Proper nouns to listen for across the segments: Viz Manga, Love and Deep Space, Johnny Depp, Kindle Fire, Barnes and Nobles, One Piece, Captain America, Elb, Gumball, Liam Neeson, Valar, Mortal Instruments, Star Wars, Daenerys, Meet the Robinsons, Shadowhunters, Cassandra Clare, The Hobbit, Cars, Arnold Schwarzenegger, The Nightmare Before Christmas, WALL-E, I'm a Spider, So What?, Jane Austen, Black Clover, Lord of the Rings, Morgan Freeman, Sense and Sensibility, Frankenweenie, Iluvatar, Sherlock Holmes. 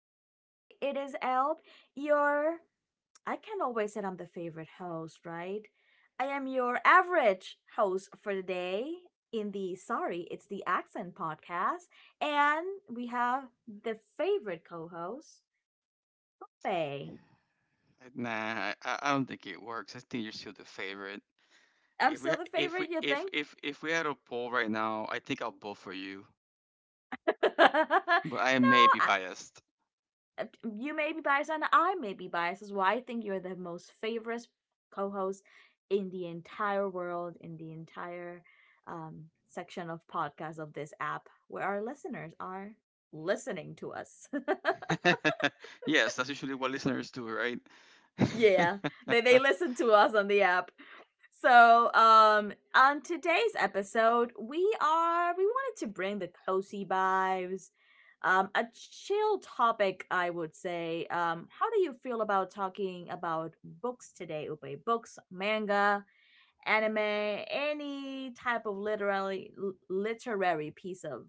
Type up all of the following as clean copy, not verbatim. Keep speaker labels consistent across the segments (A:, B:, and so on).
A: Saturday. It is Elb, your. I can always say I'm the favorite host, right? I am your average host for the day in the Sorry, It's the Accent podcast. And we have the favorite co host,
B: Uh,
A: Faye.
B: Nah, I don't think it works. I think you're still the favorite.
A: I'm
B: If we
A: still the
B: ha-
A: favorite, you think?
B: if we had a poll right now, I think I'll vote for you.
A: No,
B: But I may be
A: I,
B: biased.
A: uh, you may be biased and I may be biased as well. I think you're the most favorite co-host in the entire world, in the entire section of podcasts of this app where our listeners are listening to us.
B: Yes, that's usually what listeners do, right?
A: Yeah, they listen to us on the app. So, on today's episode, we wanted to bring the cozy vibes, a chill topic, I would say. How do you feel about talking about books today, Upe? Books, manga, anime, any type of literary piece of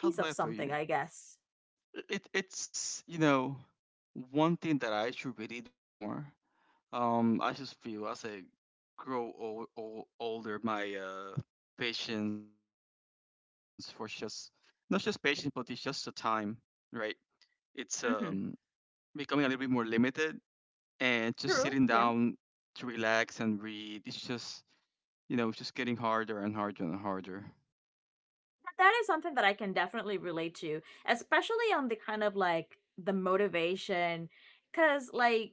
A: piece
B: How do
A: of
B: I put
A: something,
B: you?
A: I guess.
B: It's one thing that I should really do more. I just feel as I grow older, my patience for just, not just patience, but it's just the time, right? It's
A: Mm-hmm.
B: becoming a little bit more limited, and just sitting
A: True.
B: down to relax and read. It's just getting harder and harder and harder.
A: That is something that I can definitely relate to, especially on the kind of like the motivation. Cause like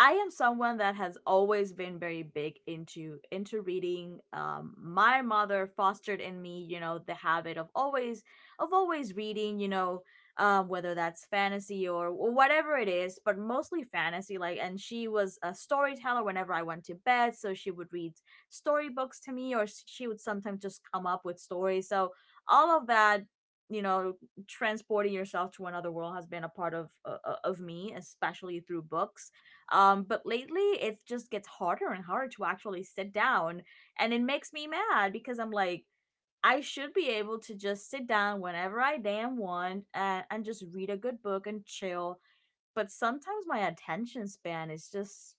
A: I am someone that has always been very big into reading. My mother fostered in me, you know, the habit of always reading. You know, whether that's fantasy or, whatever it is, but mostly fantasy. Like, and she was a storyteller whenever I went to bed, so she would read storybooks to me, or she would sometimes just come up with stories. So all of that. You know, transporting yourself to another world has been a part of me, especially through books, but lately it just gets harder and harder to actually sit down. And it makes me mad because I'm like, I should be able to just sit down whenever I damn want and just read a good book and chill. But sometimes my attention span is just,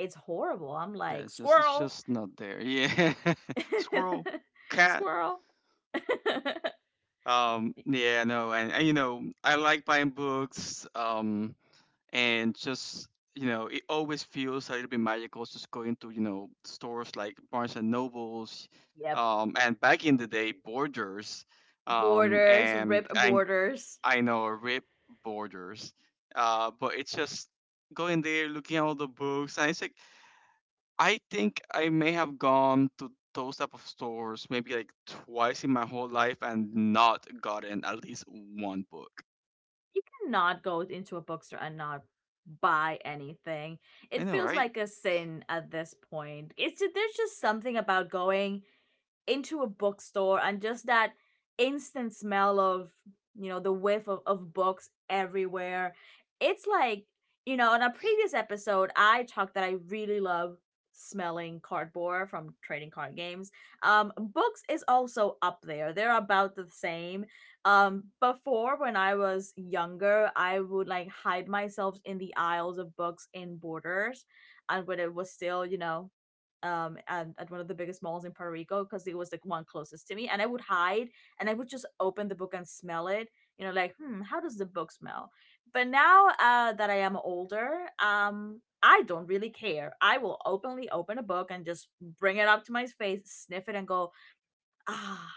A: it's horrible. I'm
B: Yeah,
A: like,
B: it's just it's
A: squirrel,
B: just not there. Yeah, squirrel, cat.
A: squirrel.
B: Yeah, no, and I like buying books. And just, it always feels a little bit magical just going to, stores like Barnes and Nobles,
A: Yep.
B: and back in the day, Borders, um
A: Borders,
B: and
A: rip
B: i
A: borders.
B: i know, RIP Borders. But it's just going there, looking at all the books, and it's like, I think I may have gone to those type of stores maybe like twice in my whole life and not gotten at least one book.
A: You cannot go into a bookstore and not buy anything.
B: I
A: It
B: know,
A: feels
B: right?
A: like a sin at this point. It's just, there's just something about going into a bookstore and just that instant smell of, you know, the whiff of books everywhere. It's like, you know, in a previous episode I talked that I really love smelling cardboard from trading card games. Books is also up there, they're about the same. Before when I was younger I would like hide myself in the aisles of books in borders and when it was still, you know, at one of the biggest malls in Puerto Rico because it was like one closest to me, and I would hide and I would just open the book and smell it, you know, like, hmm, how does the book smell. But now, that I am older, I don't really care. I will openly open a book and just bring it up to my face, sniff it and go, ah,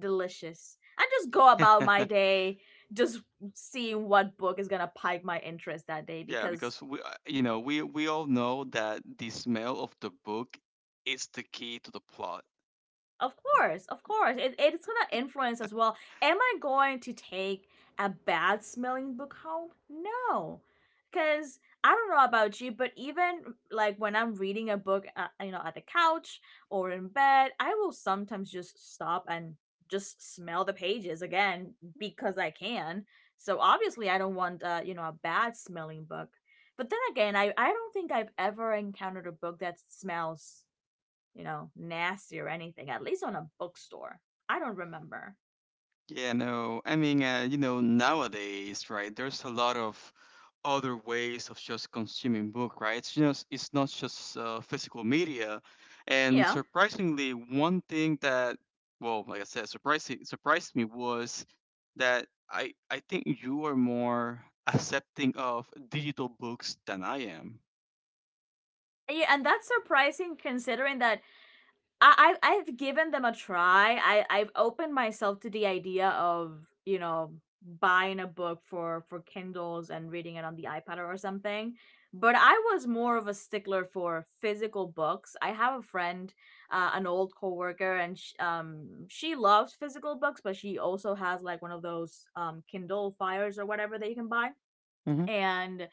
A: delicious, and just go about my day, just seeing what book is gonna pique my interest that day
B: Yeah,
A: because.
B: because we all know that the smell of the book is the key to the plot.
A: Of course, of course. It's going to influence as well. Am I going to take a bad smelling book home? No. Because I don't know about you, but even like when I'm reading a book, you know, at the couch or in bed, I will sometimes just stop and just smell the pages again because I can. So obviously, I don't want, you know, a bad smelling book. But then again, I don't think I've ever encountered a book that smells, you know, nasty or anything, at least on a bookstore. I don't remember.
B: Yeah, no, I mean, nowadays, right? There's a lot of other ways of just consuming book, right? It's not just physical media, and
A: Yeah.
B: surprisingly, one thing that, well, like I said, surprising surprised me was that I think you are more accepting of digital books than I am.
A: Yeah, and that's surprising considering that I've given them a try. I I've opened myself to the idea of, you know, buying a book for Kindles and reading it on the iPad or something. But I was more of a stickler for physical books. I have a friend, an old coworker, and she loves physical books, but she also has like one of those Kindle Fires or whatever that you can buy,
B: Hmm.
A: and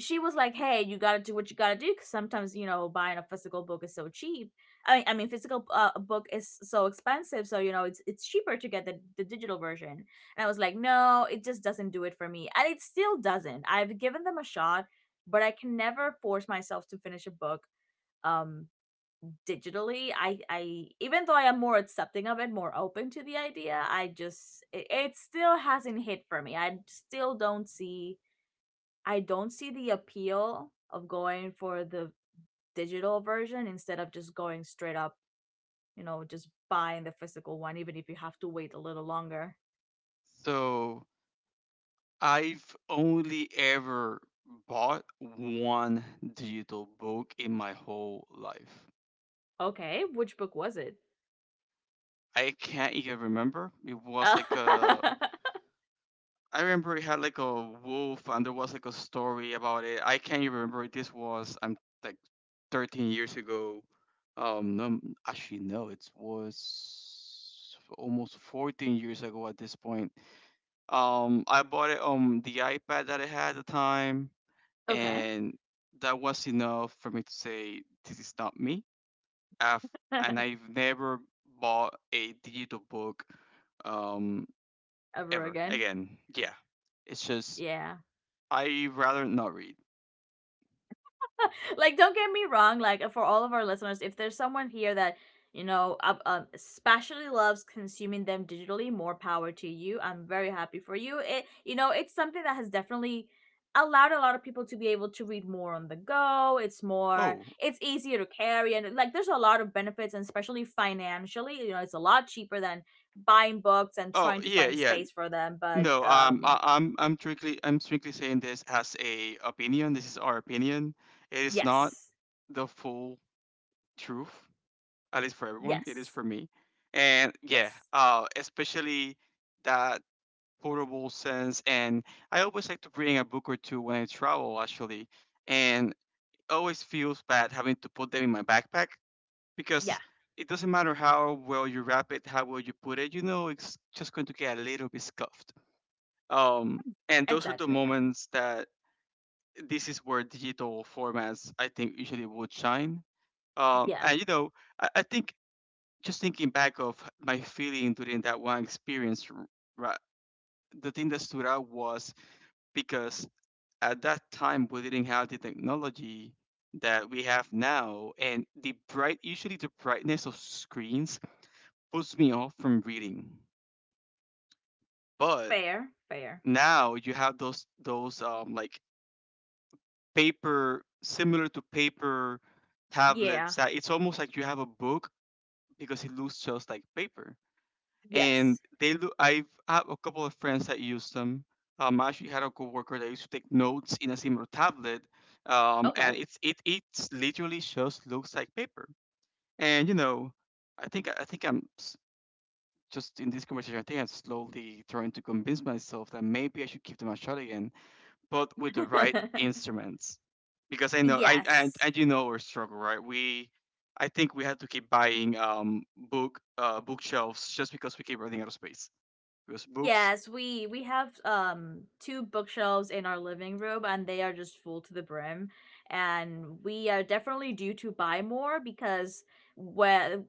A: she was like, hey, you gotta do what you gotta do, because sometimes, you know, buying a physical book is so cheap. I mean physical, book is so expensive, so you know it's cheaper to get the digital version. And I was like, no, it just doesn't do it for me, and it still doesn't. I've given them a shot, but I can never force myself to finish a book um digitally. I even though I am more accepting of it, more open to the idea, I just it still hasn't hit for me. I still don't see. I don't see the appeal of going for the digital version instead of just going straight up, you know, just buying the physical one, even if you have to wait a little longer.
B: So, I've only ever bought one digital book in my whole life.
A: Okay, which book was it?
B: I can't even remember. It was like a. I remember it had like a wolf, and there was like a story about it. I can't even remember. This was, I'm like, 13 years ago. No, actually, no, it was almost 14 years ago at this point. I bought it on the iPad that I had at the time,
A: Okay.
B: and that was enough for me to say this is not me. I've and I've never bought a digital book, um
A: Ever
B: ever
A: again?
B: again. Yeah, it's just,
A: Yeah.
B: I rather not read.
A: Like, don't get me wrong, like, for all of our listeners, if there's someone here that, you know, especially loves consuming them digitally, more power to you. I'm very happy for you. It you know, it's something that has definitely allowed a lot of people to be able to read more on the go. It's more,
B: Oh,
A: it's easier to carry, and like there's a lot of benefits, and especially financially, you know, it's a lot cheaper than buying books and
B: oh
A: trying to
B: yeah,
A: find
B: yeah.
A: space for them. But
B: No, I'm strictly saying this as a opinion. This is our opinion. It is not
A: yes,
B: the full truth, at least for everyone. It is
A: yes,
B: for me, and yeah,
A: yes,
B: especially that portable sense. And I always like to bring a book or two when I travel, actually. And it always feels bad having to put them in my backpack
A: yeah,
B: because it doesn't matter how well you wrap it, how well you put it, you know, it's just going to get a little bit scuffed. Um, and those are the
A: exactly,
B: moments that, this is where digital formats, I think, usually would shine.
A: yeah, yeah.
B: And, I think, just thinking back of my feeling during that one experience, ra- the thing that stood out was, because at that time we didn't have the technology that we have now, and the bright usually the brightness of screens puts me off from reading. But
A: Fair, fair.
B: now you have those, like paper, similar to paper
A: Yeah.
B: tablets, that it's almost like you have a book because it looks just like paper. And
A: Yes.
B: they look. I've had a couple of friends that use them. I actually had a coworker that used to take notes in a similar tablet,
A: Okay.
B: and it's it it's literally just looks like paper. And you know, I think just in this conversation, I think I'm slowly trying to convince myself that maybe I should give them a shot again, but with the right instruments, because I know I
A: Yes.
B: and you know our struggle, right? We I think we had to keep buying bookshelves just because we keep running out of space because books.
A: Yes, we have two bookshelves in our living room and they are just full to the brim, and we are definitely due to buy more because where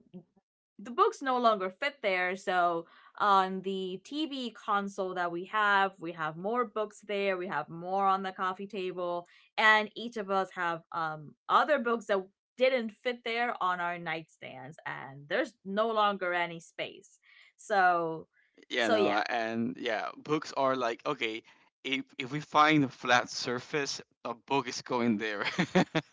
A: the books no longer fit there. So on the TV console that we have more books there. We have more on the coffee table, and each of us have other books that didn't fit there on our nightstands, and there's no longer any space. So,
B: You
A: so yeah,
B: know, and yeah, books are like, okay, if we find a flat surface, a book is going there.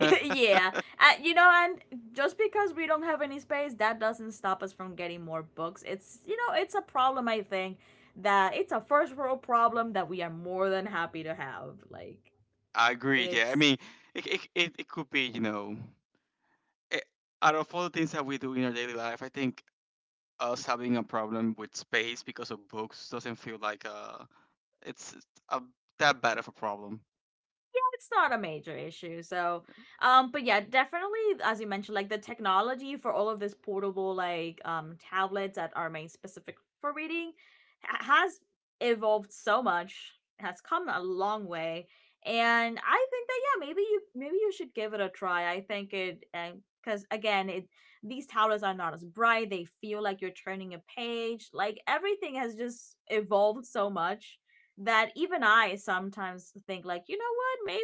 A: yeah, you know, and just because we don't have any space, that doesn't stop us from getting more books. It's, you know, it's a problem. I think that it's a first world problem that we are more than happy to have. Like
B: I agree. Yeah, I
A: it's
B: mean, it could be, you know, it, out of all the things that we do in our daily life, I think us having a problem with space because of books doesn't feel like, it's, a, that bad of a problem.
A: it's not a major issue. So, but yeah, definitely, as you mentioned, like the technology for all of this portable like tablets that are made specific for reading has evolved so much, has come a long way, and I think that yeah, maybe you should give it a try. I think it, because again, it, these tablets are not as bright. They feel like you're turning a page. Like everything has just evolved so much that even I sometimes think like, you know what, maybe,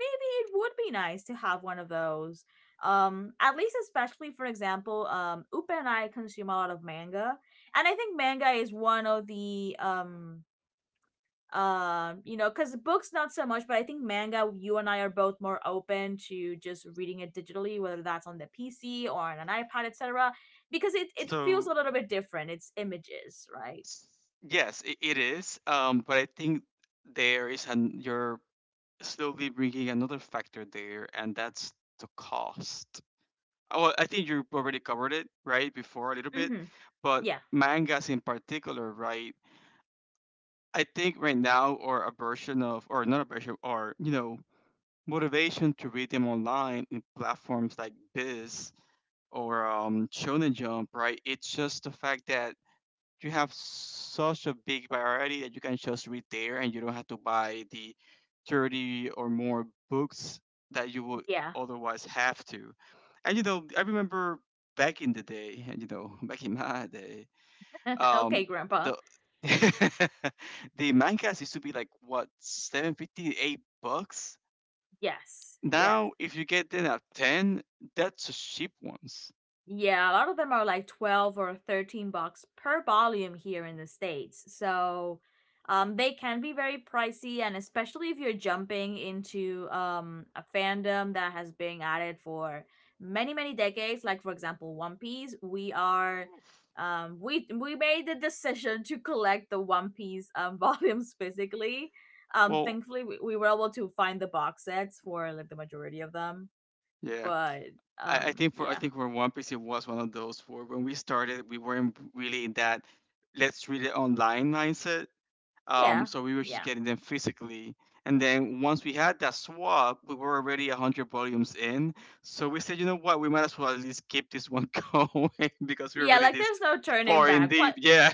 A: maybe it would be nice to have one of those. At least especially for example, Upe and I consume a lot of manga, and I think manga is one of the you know, because books not so much, but I think manga, you and I are both more open to just reading it digitally, whether that's on the PC or on an iPad, etc. Because it feels
B: So,
A: a little bit different, it's images, right?
B: s- yes, it is, but I think there is, an your slowly bringing another factor there, and that's the cost. Well, I think you already covered it right before a little bit,
A: Mm-hmm.
B: but
A: Yeah,
B: mangas in particular, right? I think right now, or a version of, or not a version, motivation to read them online in platforms like this or, Shonen Jump, right? It's just the fact that you have such a big variety that you can just read there and you don't have to buy the 30 or more books that you would
A: yeah.
B: otherwise have to. And you know, I remember back in the day. And back in my day, um,
A: Okay, grandpa.
B: the the mangas used to be like, what, $7.58?
A: Yes, yes.
B: Now if you get them at 10, that's a cheap ones.
A: Yeah, a lot of them are like 12 or 13 bucks per volume here in the States. So they can be very pricey, and especially if you're jumping into, a fandom that has been at it for many, many decades, like for example, One Piece, we are. Um, we made the decision to collect the One Piece, volumes physically. Um,
B: Well,
A: thankfully, we, we were able to find the box sets for like the majority of them,
B: yeah.
A: but
B: I, I think for I
A: yeah.
B: think for One Piece, it was one of those for when we started we weren't really in that "let's read it online" mindset.
A: Yeah.
B: So we were just
A: Yeah.
B: getting them physically, and then once we had that swap, we were already 100 volumes in. So we said, you know what, we might as well at least keep this one going because we're
A: Yeah,
B: already
A: like
B: this
A: there's no turning
B: far in
A: back.
B: deep.
A: What,
B: Yeah.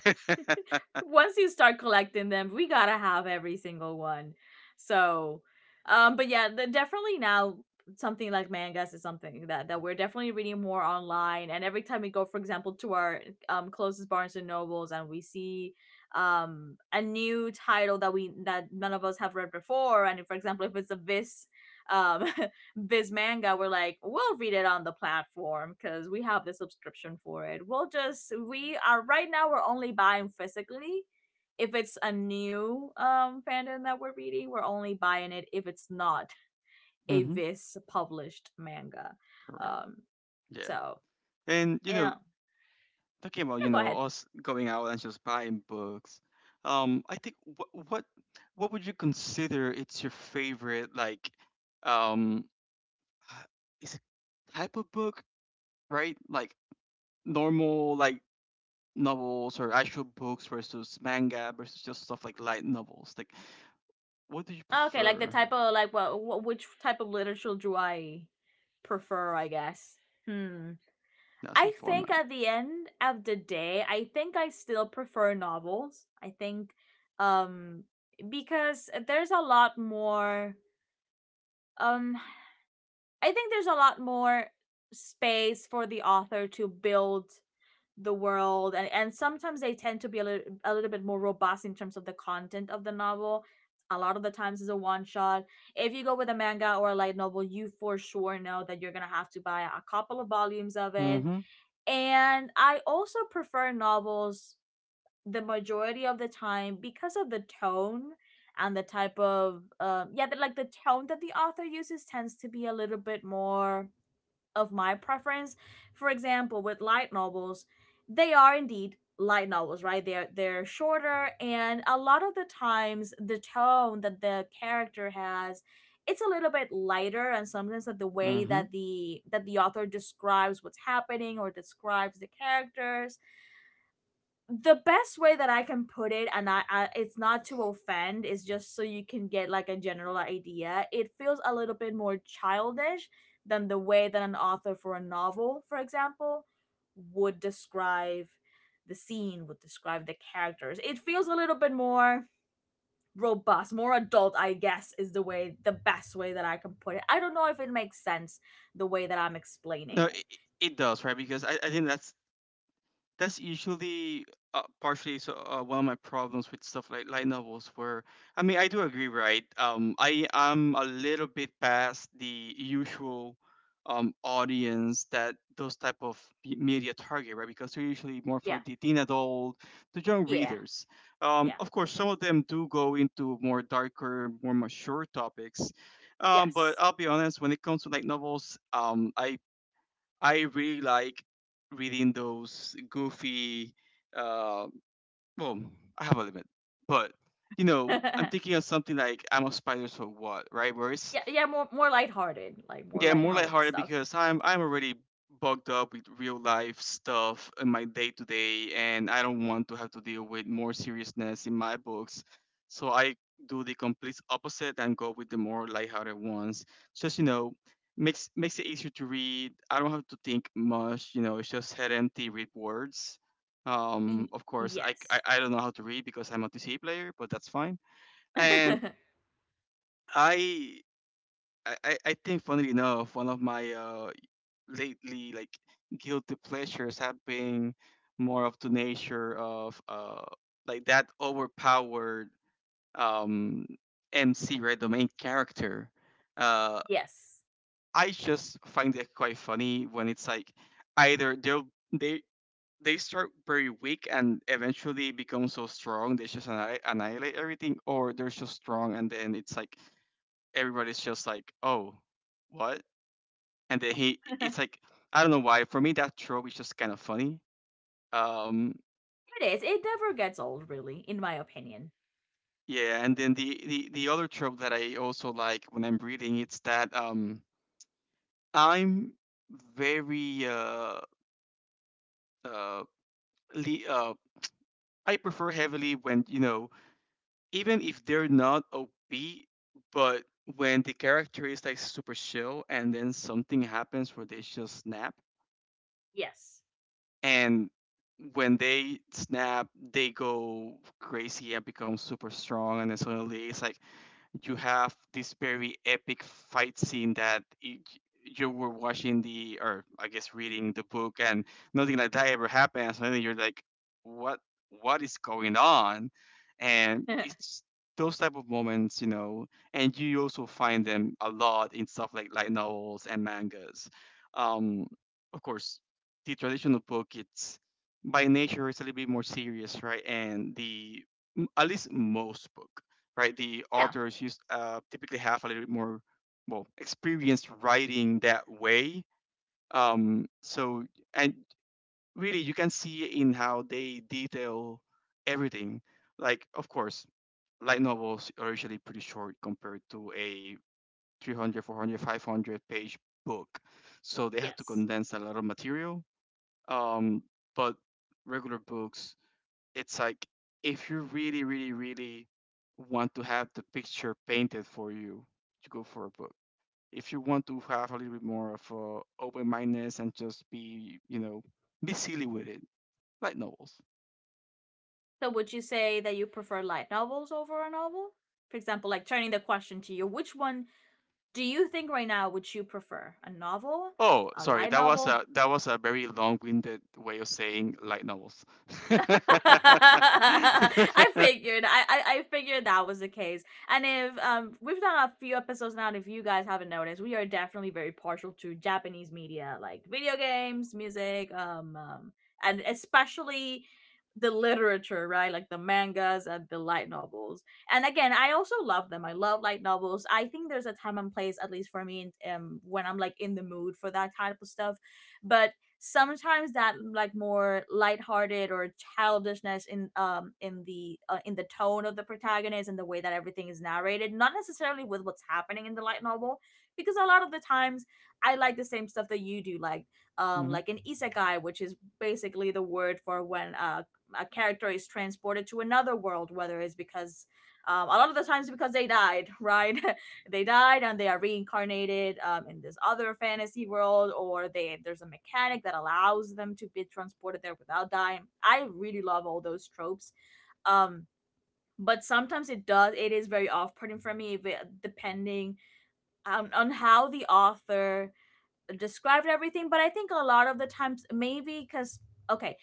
A: once you start collecting them, we got to have every single one. So, but yeah, the, definitely now something like mangas is something that we're definitely reading more online. And every time we go for example to our closest Barnes and Nobles and we see a new title that we, that none of us have read before, and if, for example if it's a vis, um Viz Manga, were like, we'll read it on the platform because we have the subscription for it. We'll just, we are right now we're only buying physically. If it's a new fandom that we're reading, we're only buying it if it's not a
B: Hmm.
A: Viz published manga.
B: Correct.
A: Um,
B: Yeah.
A: so
B: And you
A: yeah,
B: know,
A: yeah,
B: talking about,
A: go ahead.
B: us going out and just buying books, I think wh- what would you consider it's your favorite, like, um h- is it, type of book, right? Like normal, like novels or actual books, versus manga, versus just stuff like light novels, like what do you
A: Okay, like the
B: prefer?
A: type of like what, which type of literature do I prefer? I guess. Hmm.
B: That's a
A: I think
B: format.
A: at the end of the day, I think I still prefer novels. I think um because there's a lot more um I think there's a lot more space for the author to build the world and sometimes they tend to be a little bit more robust in terms of the content of the novel. A lot of the times it's a one shot. If you go with a manga or a light novel, you for sure know that you're going to have to buy a couple of volumes of it,
B: Mm-hmm.
A: and I also prefer novels the majority of the time because of the tone and the type of yeah, the, like the tone that the author uses tends to be a little bit more of my preference. For example, with light novels, they are indeed light novels, right? They're shorter, and a lot of the times the tone that the character has, it's a little bit lighter, and sometimes that the way
B: Mm-hmm.
A: that the author describes what's happening or describes the characters, the best way that I can put it, and I, it's not to offend, is just so you can get like a general idea. It feels a little bit more childish than the way that an author for a novel, for example, would describe the scene, would describe the characters. It feels a little bit more robust, more adult, I guess, is the best way that I can put it. I don't know if it makes sense the way that I'm explaining
B: No,
A: it.
B: it does, right? Because I think that's usually, partially so, one of my problems with stuff like light novels where, I mean, I do agree, right? I am a little bit past the usual, audience that those type of media target, right? Because they're usually more for
A: Yeah,
B: the teen adult, the young
A: yeah,
B: readers.
A: yeah,
B: Of course, some of them do go into more darker, more mature topics. But
A: yes.
B: I'll be honest, when it comes to light novels, I really like reading those goofy. Uh, well, I have a limit, but you know, I'm thinking of something like "I'm a spider, so what?" Right, where it's,
A: Yeah, yeah, more lighthearted, like more
B: yeah, more
A: lighthearted
B: lighthearted
A: stuff.
B: because I'm already bugged up with real life stuff in my day to day, and I don't want to have to deal with more seriousness in my books. So I do the complete opposite and go with the more lighthearted ones. Just, you know, makes it easier to read. I don't have to think much. You know, it's just head empty, read words.
A: Y-
B: Of course, I, I
A: yes.
B: I don't know how to read because I'm a TC player, but that's fine. And I I think, funnily enough, one of my, lately, like, guilty pleasures have been more of the nature of, like that overpowered, um MC, right? The main character. Uh
A: yes.
B: I just find it quite funny when it's like, either they they start very weak and eventually become so strong they just annihilate everything, or they're so strong and then it's like everybody's just like, oh, what, and then he
A: it
B: it's like, I don't know why, for me that trope is just kind of funny. Um,
A: is. It never gets old, really, in my opinion.
B: yeah, and then the other trope that I also like when I'm reading, it's that, I'm very uh uh, le- uh I prefer heavily when, you know, even if they're not OP, but when the character is like super chill and then something happens where they just snap,
A: Yes.
B: and when they snap, they go crazy and become super strong, and then suddenly it's like, you have this very epic fight scene that you were watching the, or I guess reading the book, and nothing like that ever happened. And suddenly you're like, what what is going on? And
A: yeah,
B: it's those type of moments, you know, and you also find them a lot in stuff like light novels and mangas. Um, of course, the traditional book, it's by nature, it's a little bit more serious, right? And the at least most book, right? The authors used typically have a little bit more well experience writing that way. So and really, you can see in how they detail everything. Like, of course, light novels are usually pretty short compared to a 300, 400, 500 page book. So they have to
A: Yes.
B: condense a lot of material. Um, but regular books it's like if you really, really, really want to have the picture painted for you, you go for a book. If you want to have a little bit more of a open mindedness and just be, be silly with it, light novels.
A: So would you say that you prefer light novels over a novel? For example, like turning the question to you, which one do you think right now would you prefer? A novel,
B: Oh,
A: a
B: sorry,
A: light novel,
B: that was a very long winded way of saying light novels.
A: I figured. I figured that was the case. And if we've done a few episodes now, and if you guys haven't noticed, we are definitely very partial to Japanese media, like video games, music, and especially the literature, right? Like the mangas and the light novels. And again, I also love them. I love light novels. I think there's a time and place, at least for me, when I'm like in the mood for that type of stuff. But sometimes that like more lighthearted or childishness in the tone of the protagonist and the way that everything is narrated, not necessarily with what's happening in the light novel, because a lot of the times I like the same stuff that you do,
B: Mm-hmm.
A: like an isekai, which is basically the word for when a character is transported to another world, whether it's because a lot of the times because they died right, they died and they are reincarnated, in this other fantasy world, or they there's a mechanic that allows them to be transported there without dying. I really love all those tropes. um but sometimes it does, it is very off-putting for me if depending, on how the author described everything. But I think a lot of the times, maybe because okay,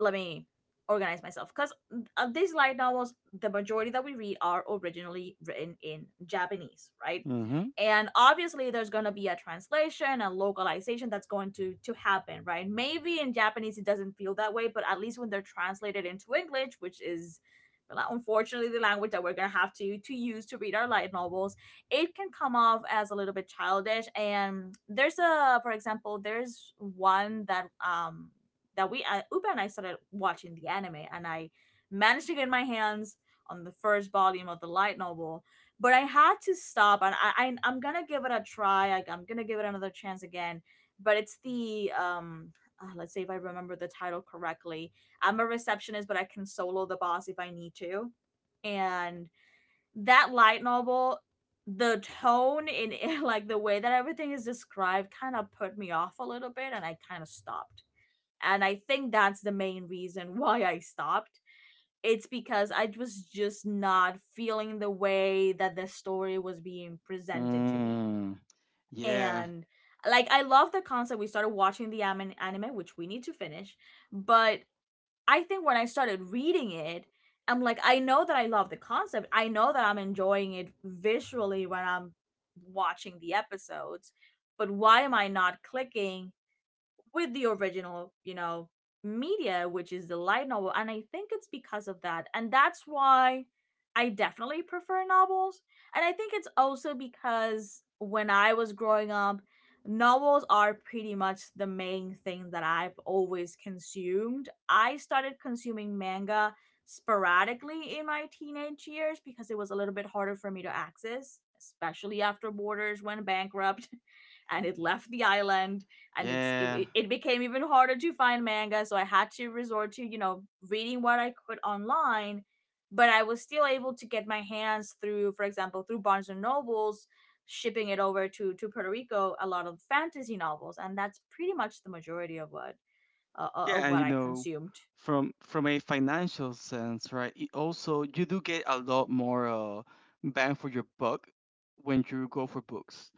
A: let me organize myself, because of these light novels, the majority that we read are originally written in Japanese, right?
B: Mm-hmm.
A: And obviously there's going to be a translation and localization that's going to happen, right? Maybe in Japanese it doesn't feel that way, but at least when they're translated into English, which is unfortunately the language that we're going to have to use to read our light novels, it can come off as a little bit childish. And there's a, for example, there's one that that we Upa and I started watching the anime, and I managed to get my hands on the first volume of the light novel. But I had to stop, and I'm gonna give it a try. I'm gonna give it another chance again. But it's the let's see if I remember the title correctly. I'm a receptionist, but I can solo the boss if I need to. And that light novel, the tone in it, like the way that everything is described, kind of put me off a little bit, and I kind of stopped. And I think that's the main reason why I stopped. It's because I was just not feeling the way that the story was being presented to me.
B: Mm. Yeah.
A: And like, I love the concept. We started watching the anime, which we need to finish, but I think when I started reading it, I'm like, I know that I love the concept. I know that I'm enjoying it visually when I'm watching the episodes, but why am I not clicking with the original, you know, media, which is the light novel. And I think it's because of that. And that's why I definitely prefer novels. And I think it's also because when I was growing up, novels are pretty much the main thing that I've always consumed. I started consuming manga sporadically in my teenage years because it was a little bit harder for me to access, especially after Borders went bankrupt and it left the island, and it's it,
B: Yeah.
A: it- became even harder to find manga, so I had to resort to, you know, reading what I could online. But I was still able to get my hands, through for example through Barnes and Nobles shipping it over to Puerto Rico, a lot of fantasy novels, and that's pretty much the majority
B: Yeah,
A: of
B: and
A: what
B: you
A: I
B: know,
A: consumed.
B: from a financial sense, right? It also you do get a lot more bang for your buck when you go for books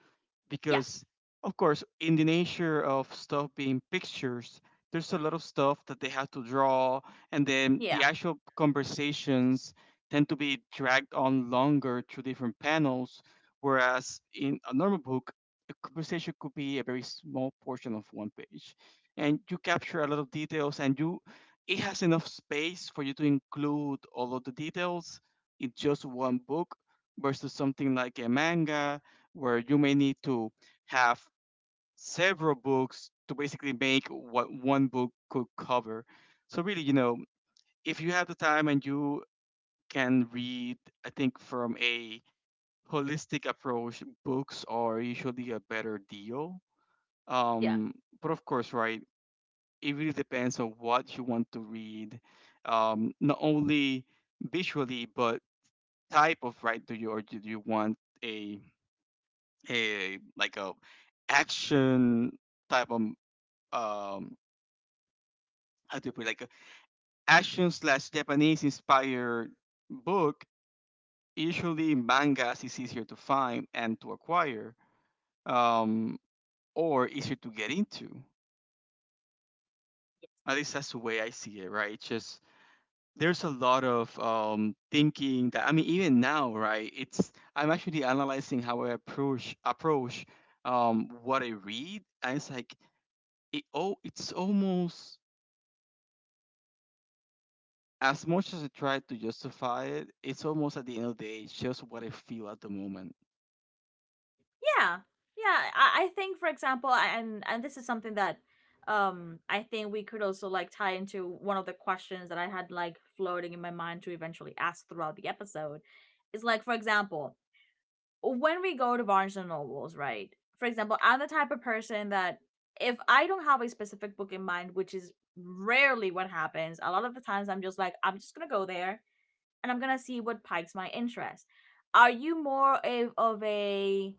A: Yeah,
B: because of course in the nature of stuff being pictures there's a lot of stuff that they have to draw, and then the
A: yeah,
B: actual conversations tend to be dragged on longer through different panels, whereas in a normal book a conversation could be a very small portion of one page, and you capture a lot of details and you it has enough space for you to include all of the details in just one book versus something like a manga where you may need to have several books to basically make what one book could cover. So really, you know, if you have the time and you can read, I think from a holistic approach, books are usually a better deal.
A: yeah.
B: Um, but of course, right, it really depends on what you want to read, not only visually but type of, right? Do you or do you want a a like a action type of um how do you put it, like a action slash Japanese inspired book. Usually mangas is easier to find and to acquire, um, or easier to get into. At least that's the way I see it, right? It's just there's a lot of thinking that I mean, even now, right? It's I'm actually analyzing how I approach what I read, and it's like it oh, it's almost as much as I try to justify it, it's almost at the end of the day, it's just what I feel at the moment.
A: Yeah, yeah. I think, for example, and this is something that I think we could also like tie into one of the questions that I had like floating in my mind to eventually ask throughout the episode. Is like, for example, when we go to Barnes and Nobles, right? For example, I'm the type of person that if I don't have a specific book in mind, which is rarely what happens, a lot of the times I'm just like, I'm just gonna go there and I'm gonna see what pikes my interest. Are you more of a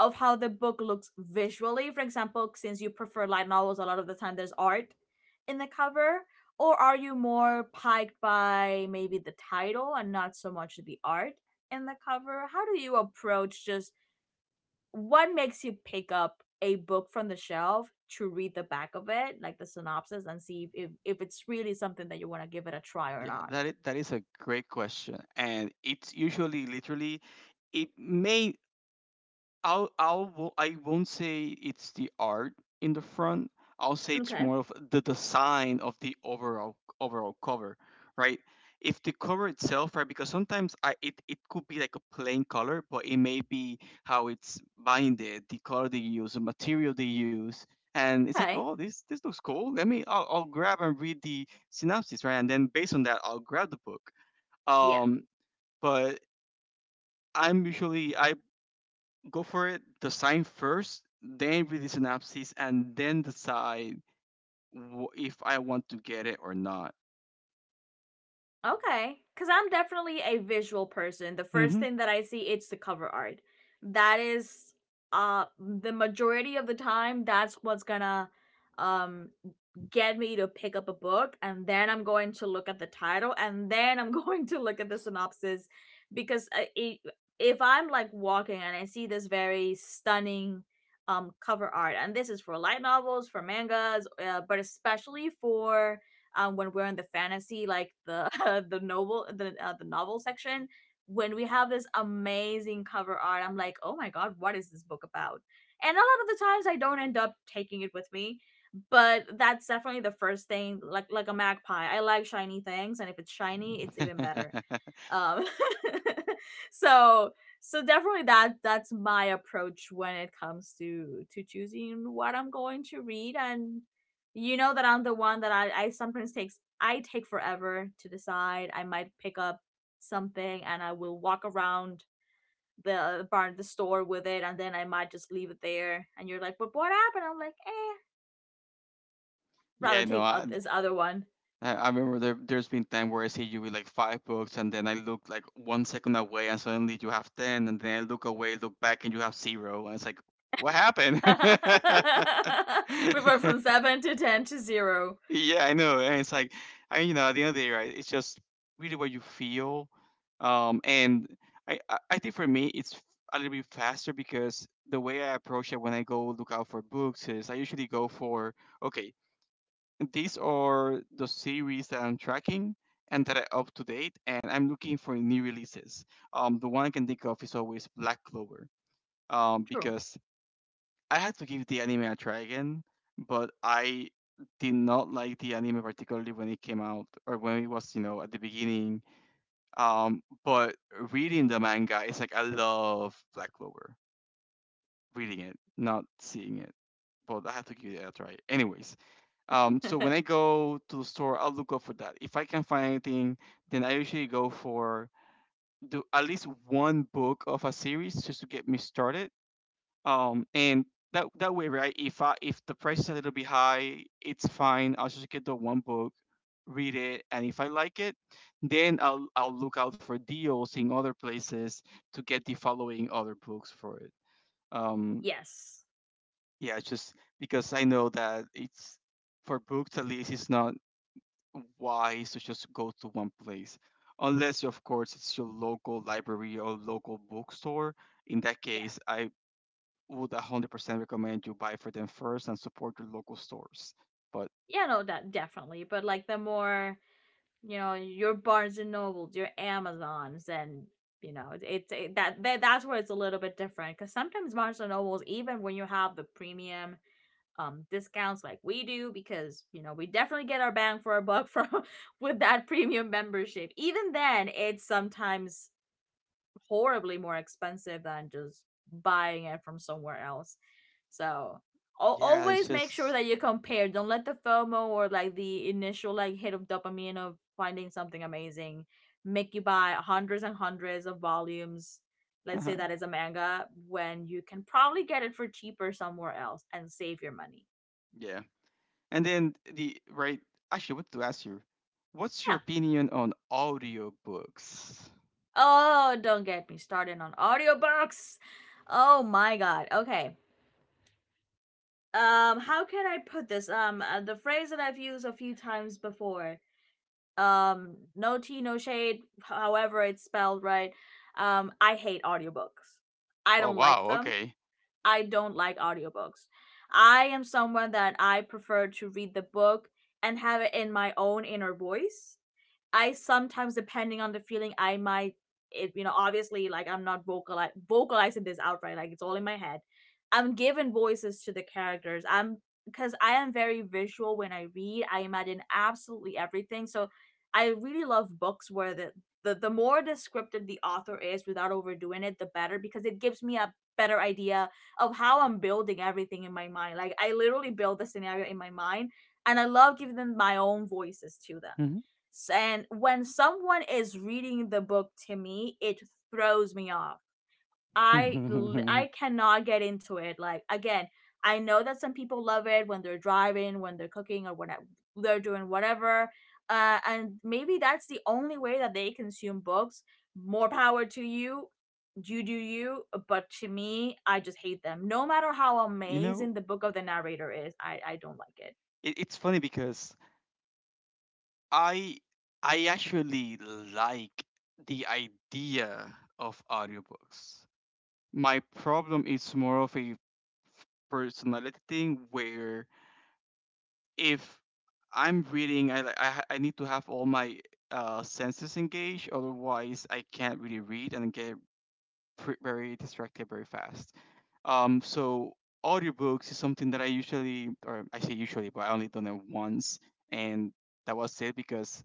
A: of how the book looks visually. For example, since you prefer light novels, a lot of the time there's art in the cover. Or are you more piqued by maybe the title and not so much the art in the cover? How do you approach just what makes you pick up a book from the shelf to read the back of it, like the synopsis, and see if, if it's really something that you want to give it a try or
B: Yeah,
A: not?
B: that is a great question, and it's usually literally it may I won't say it's the art in the front. I'll say it's
A: Okay.
B: more of the design of the overall cover, right? If the cover itself, right? Because sometimes it could be like a plain color, but it may be how it's binded, the color they use, the material they use, and it's like,
A: Okay.
B: oh, this looks cool. Let me I'll grab and read the synopsis, right? And then based on that, I'll grab the book.
A: Yeah.
B: Um, but I'm usually I go for it, design first, then read the synopsis, and then decide if I want to get it or not.
A: Okay. Because I'm definitely a visual person. The first
B: Mm-hmm.
A: thing that I see, it's the cover art. That is, the majority of the time, that's what's gonna, um, get me to pick up a book, and then I'm going to look at the title, and then I'm going to look at the synopsis, because if I'm like walking and I see this very stunning cover art, and this is for light novels, for mangas, but especially for when we're in the fantasy, like the the novel section, when we have this amazing cover art, I'm like, "Oh my god, what is this book about?" And a lot of the times I don't end up taking it with me, but that's definitely the first thing. Like a magpie, I like shiny things, and if it's shiny it's even better. um so so definitely that, that's my approach when it comes to choosing what I'm going to read. And you know that I'm the one that I sometimes takes I take forever to decide. I might pick up something, and I will walk around the store with it, and then I might just leave it there, and you're like, but what happened? I'm like, eh, rather
B: yeah, no,
A: take
B: I
A: this other one.
B: I remember there's been time where I see you with like five books, and then I look like one second away, and suddenly you have ten, and then I look away, look back, and you have zero, and it's like, what happened?
A: We went from seven to ten to zero.
B: Yeah, I know. And it's like, I you know, at the end of the day, right? It's just really what you feel. Um, and I think for me, it's a little bit faster because the way I approach it when I go look out for books is I usually go for, okay, these are the series that I'm tracking and that are up to date, and I'm looking for new releases. The one I can think of is always Black Clover.
A: True.
B: Because I had to give the anime a try again, but I did not like the anime particularly when it came out or when it was, you know, at the beginning. But reading the manga, it's like I love Black Clover. Reading it, not seeing it. But I have to give it a try. Anyways, so when I go to the store, I'll look up for that. If I can find anything, then I usually go for do at least one book of a series just to get me started, and that that way, right? If the price is a little bit high, it's fine. I'll just get the one book, read it, and if I like it, then I'll look out for deals in other places to get the following other books for it. Um,
A: yes.
B: yeah, it's just because I know that it's for books at least it's not wise to just go to one place. Unless of course it's your local library or local bookstore. In that
A: Yeah.
B: case, I would 100% recommend you buy for them first and support your local stores. But
A: Yeah. No. That definitely. But like the more, you know, your Barnes and Nobles, your Amazons, and you know, it's it, that, that that's where it's a little bit different, because sometimes Barnes and Nobles, even when you have the premium discounts like we do, because you know we definitely get our bang for our buck from with that premium membership, even then it's sometimes horribly more expensive than just buying it from somewhere else. So
B: yeah, it's
A: always make sure
B: just
A: that you compare. Don't let the FOMO or like the initial like hit of dopamine of finding something amazing make you buy hundreds and hundreds of volumes. Let's
B: yeah.
A: say that is a manga when you can probably get it for cheaper somewhere else and save your money.
B: And then the right actually, what to ask you? What's your
A: Yeah.
B: opinion on audiobooks?
A: Oh, don't get me started on audiobooks. Oh my God. Okay. How can I put this, the phrase that I've used a few times before, no tea no shade, however it's spelled, right? I hate audiobooks. I
B: Oh
A: don't like
B: wow,
A: them.
B: okay.
A: I don't like audiobooks. I am someone that I prefer to read the book and have it in my own inner voice. I sometimes, depending on the feeling, I might, it, obviously, like I'm not vocal, vocalizing this outright, like it's all in my head. I'm giving voices to the characters. I'm because I am very visual when I read. I imagine absolutely everything. So I really love books where the more descriptive the author is without overdoing it, the better, because it gives me a better idea of how I'm building everything in my mind. Like I literally build the scenario in my mind, and I love giving them my own voices to them.
B: Mhm.
A: And when someone is reading the book to me, it throws me off. I cannot get into it. Like again, I know that some people love it when they're driving, when they're cooking, or when they're doing whatever. And maybe that's the only way that they consume books. More power to you. You do you. But to me, I just hate them. No matter how
B: you know,
A: amazing the book of the narrator is, I don't like
B: it, it's funny because I I actually like the idea of audiobooks. My problem is more of a personality thing where if I'm reading, I li- I, ha- I need to have all my senses engaged. Otherwise, I can't really read and get very distracted very fast. So audiobooks is something that I usually, or I say usually, but I only done it once, and that was it because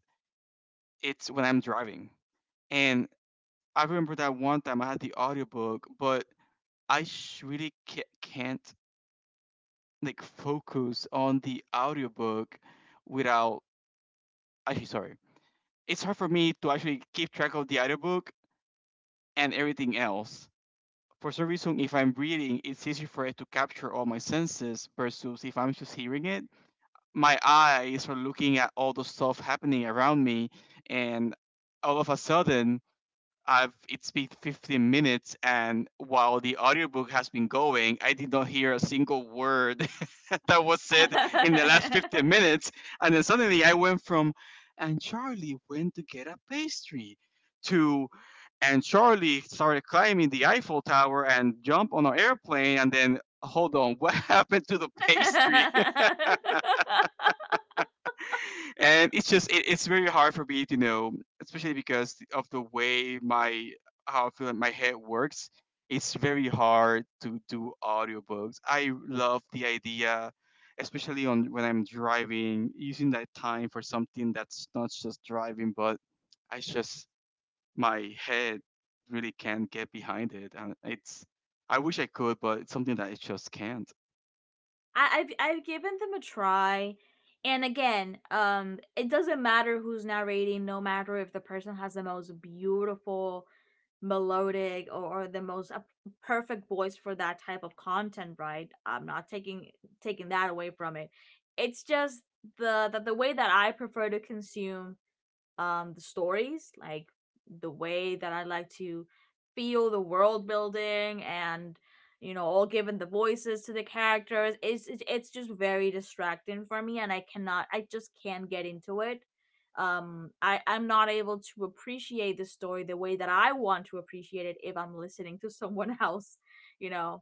B: it's when I'm driving. And I remember that one time I had the audiobook, but I sh- really ca- can't like focus on the audiobook without. Actually, sorry. It's hard for me to actually keep track of the other book and everything else. For some reason, if I'm reading, it's easier for it to capture all my senses versus if I'm just hearing it. My eyes are looking at all the stuff happening around me, and all of a sudden, I've it's been 15 minutes, and while the audiobook has been going, I did not hear a single word that was said in the last
A: it.
B: 15 minutes. And then suddenly I went from, and Charlie went to get a pastry, to, and Charlie started climbing the Eiffel Tower and jump on an airplane, and then hold on, what happened to the pastry? And it's just it's very hard for me to know especially because of the way my how I feel like my head works, it's very hard to do audiobooks. I love the idea, especially on when I'm driving, using that time for something that's not just driving, but I just my head really can't get behind it, and it's I wish I could, but it's something that I just can't.
A: I've given them a try, and again, it doesn't matter who's narrating, no matter if the person has the most beautiful melodic, or the most perfect voice for that type of content, right? I'm not taking that away from it. It's just the way that I prefer to consume the stories, like the way that I like to feel the world building, and all given the voices to the characters, it's just very distracting for me, and I cannot, I just can't get into it. I'm not able to appreciate the story the way that I want to appreciate it if I'm listening to someone else you know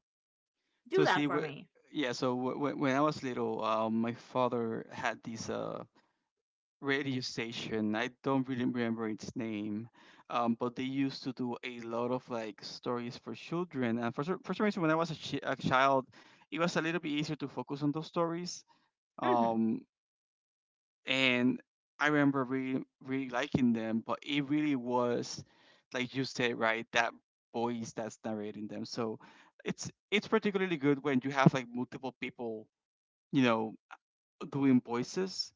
A: do
B: So
A: that
B: see,
A: for me.
B: yeah. So when I was little, my father had this radio station. I don't really remember its name, but they used to do a lot of like stories for children. And for some reason, when I was a child, it was a little bit easier to focus on those stories.
A: Hmm.
B: Um, and I remember really really liking them, but it really was like you said, right? That voice that's narrating them. So it's particularly good when you have like multiple people, you know, doing voices.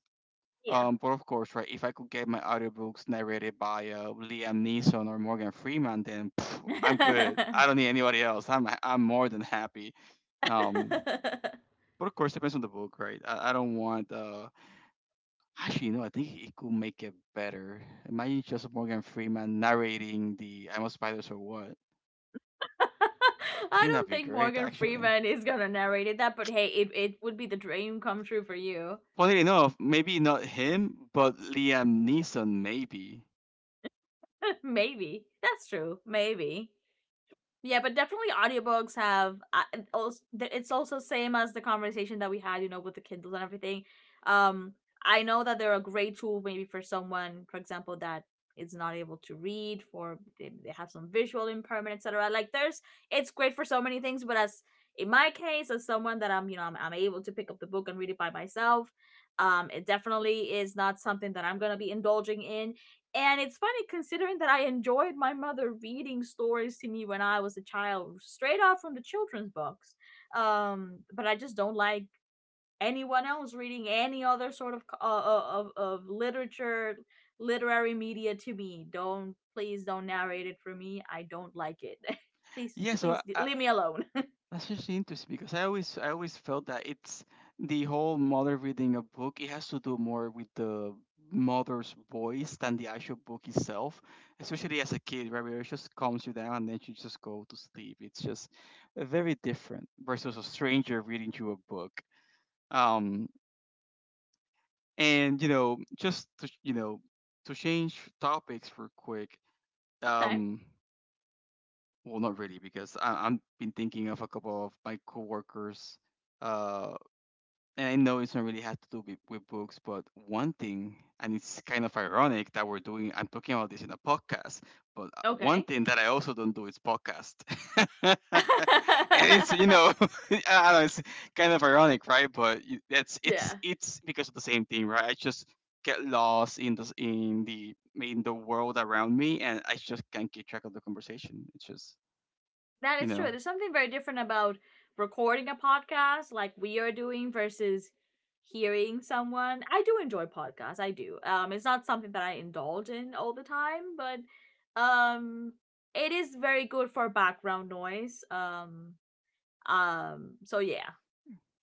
A: Yeah.
B: But of course, right, if I could get my audiobooks narrated by Liam Neeson or Morgan Freeman, then pff, I'm good. I don't need anybody else. I'm more than happy. Um, but of course, depends on the book, right? I don't want. Actually, no, I think it could make it better. Imagine just Morgan Freeman narrating the "I'm a Spider, So What." I
A: I
B: think that'd
A: don't
B: be
A: think
B: great,
A: Morgan
B: actually.
A: Freeman is gonna narrate it that, but hey, it would be the dream come true for you.
B: Funny enough, maybe not him, but Liam Neeson, maybe.
A: Maybe. That's true. Maybe. Yeah, but definitely audiobooks have, also, it's also same as the conversation that we had, with the Kindles and everything. Um I know that they're a great tool maybe for someone, for example, that is not able to read, for they have some visual impairment, etc. Like there's it's great for so many things, but as in my case, as someone that I'm, you know, I'm able to pick up the book and read it by myself, it definitely is not something that I'm gonna be indulging in. And it's funny considering that I enjoyed my mother reading stories to me when I was a child, straight out from the children's books. But I just don't like anyone else reading any other sort of of literature, literary media to me. Don't, please don't narrate it for me. I don't like it. Please,
B: Yeah, so
A: please
B: I
A: leave me alone.
B: That's actually interesting because I always felt that it's the whole mother reading a book. It has to do more with the mother's voice than the actual book itself. Especially as a kid, right? Where it just calms you down and then you just go to sleep. It's just very different versus a stranger reading you a book. Um, and you know, just to to change topics real quick.
A: Okay,
B: Um, well, not really because I've been thinking of a couple of my coworkers uh, and I know it's not really have to do with books, but one thing, and it's kind of ironic that we're doing, I'm talking about this in a podcast, but one
A: okay.
B: thing that I also don't do is podcast. And it's, you know, I don't know, it's kind of ironic, right? That's,
A: Yeah.
B: it's because of the same thing, right? I just get lost in in the world around me, and I just can't keep track of the conversation. It's just,
A: That
B: you
A: is true.
B: know,
A: There's something very different about recording a podcast like we are doing versus hearing someone. I do enjoy podcasts. I do. It's not something that I indulge in all the time, but um it is very good for background noise. So yeah.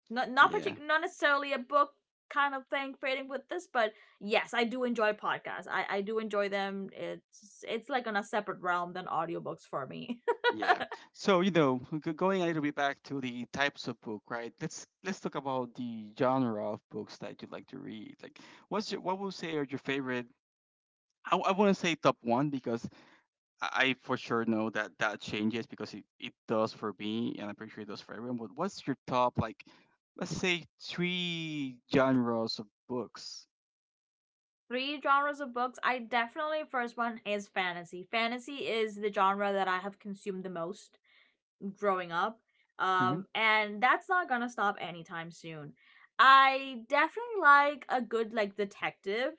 A: Not not
B: Yeah.
A: partic- not necessarily a book kind of thing fitting with this, but yes, I do enjoy podcasts. I do enjoy them. It's like on a separate realm than audiobooks for me.
B: Yeah. So, going a little bit back to the types of book, right? Let's talk about the genre of books that you like to read. Like, what would you say are your favorite? I wouldn't say top one because I for sure know that that changes because it does for me, and I'm pretty sure it does for everyone. But what's your top, like, let's say three genres of books?
A: Three genres of books. I definitely first one is fantasy. Fantasy is the genre that I have consumed the most growing up.
B: Hmm.
A: And that's not going to stop anytime soon. I definitely like a good, like, detective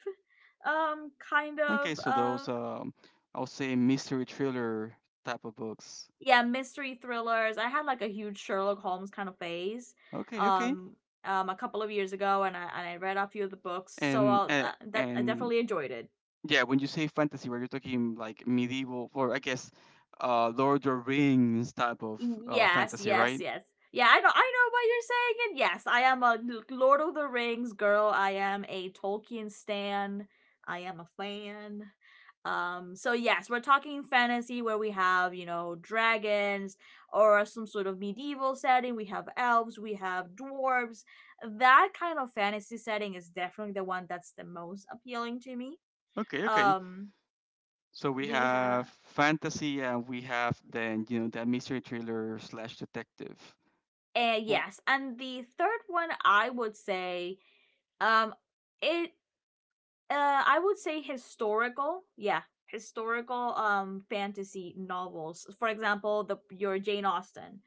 A: kind of,
B: Okay, so those I'll say mystery thriller type of books.
A: yeah, mystery thrillers. I had like a huge Sherlock Holmes kind of phase.
B: Okay, okay.
A: Um a couple of years ago, and I read a few of the books, so that I
B: And
A: definitely enjoyed it.
B: Yeah, when you say fantasy, where you're talking like medieval, or I guess, Lord of the Rings type of
A: Yes,
B: fantasy,
A: yes,
B: right?
A: yes. Yeah, I know what you're saying, and yes, I am a Lord of the Rings girl. I am a Tolkien stan. I am a fan. So yes, we're talking fantasy where we have, dragons or some sort of medieval setting. We have elves, we have dwarves. That kind of fantasy setting is definitely the one that's the most appealing to me.
B: Okay, okay.
A: Um
B: So we
A: we
B: have
A: have
B: fantasy, and we have then, you know, that mystery thriller slash detective. Well,
A: yes, and the third one I would say, Um, it I would say historical. Yeah, historical fantasy novels. For example, the your Jane Austen,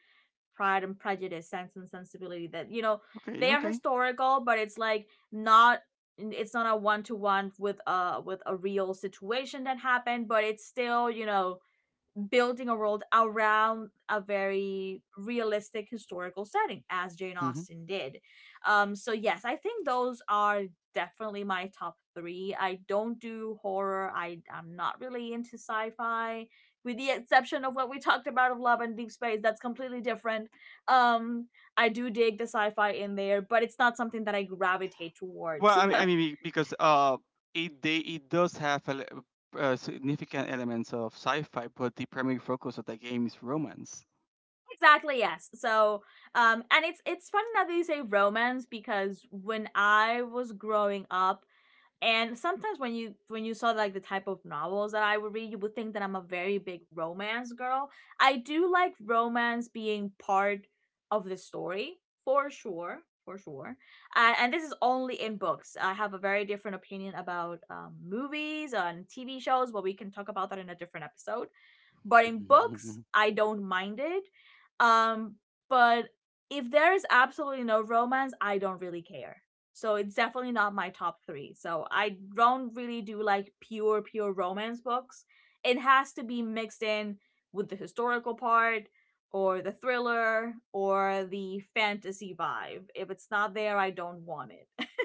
A: Pride and Prejudice, Sense and Sensibility. That,
B: okay,
A: they are
B: okay.
A: historical, but it's like not, it's not a one to one with, with a real situation that happened, but it's still, building a world around a very realistic historical setting, as Jane
B: Hmm.
A: Austen did. So yes, I think those are definitely my top three. I don't do horror. I'm not really into sci-fi, with the exception of what we talked about, of Love and Deep Space. That's completely different. um I do dig the sci-fi in there, but it's not something that I gravitate
B: Well,
A: towards.
B: I mean, be- because it they it does have a significant elements of sci-fi, but the primary focus of the game is romance.
A: Exactly, yes. So, and it's funny now that you say romance, because when I was growing up, and sometimes when you saw like the type of novels that I would read, you would think that I'm a very big romance girl. I do like romance being part of the story, for sure, for sure. And this is only in books. I have a very different opinion about, movies and TV shows, but we can talk about that in a different episode. But in books, I don't mind it. Um, but if there is absolutely no romance, I don't really care. So it's definitely not my top three. So I don't really do like pure, pure romance books. It has to be mixed in with the historical part or the thriller or the fantasy vibe. If it's not there, I don't want it.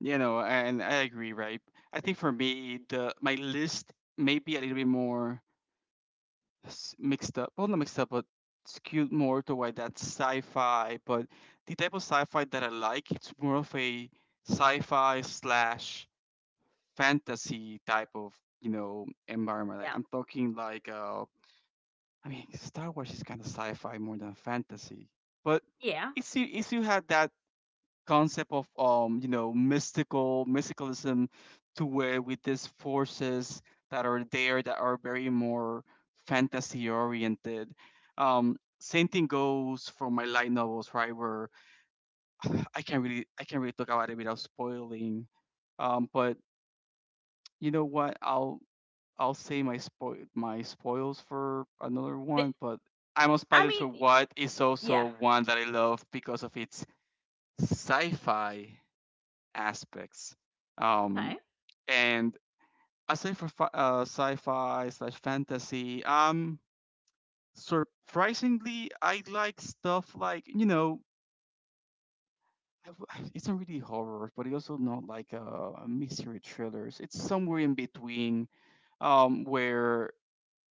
B: You know, and I agree, right? I think for me, the my list may be a little bit more mixed up. Well, not mixed up, but skewed more to that sci-fi. But the type of sci-fi that I like, it's more of a sci-fi slash fantasy type of, you know, environment. Like,
A: Yeah.
B: I'm talking like, I mean, Star Wars is kind of sci-fi more than fantasy. But
A: Yeah.
B: if you had that concept of you know, mystical mysticalism to where with these forces that are there that are very more fantasy oriented. Same thing goes for my light novels, right, where I can't really talk about it without spoiling. But you know what? I'll say my spoils for another
A: The-
B: one. But I'm a
A: I
B: Spider, So
A: mean,
B: What? Is
A: yeah.
B: also one that I love because of its sci-fi aspects. Um,
A: Okay.
B: and aside for sci-fi slash fantasy, surprisingly, I like stuff like, you know, it's not really horror, but it's also not like a mystery thrillers. It's somewhere in between, where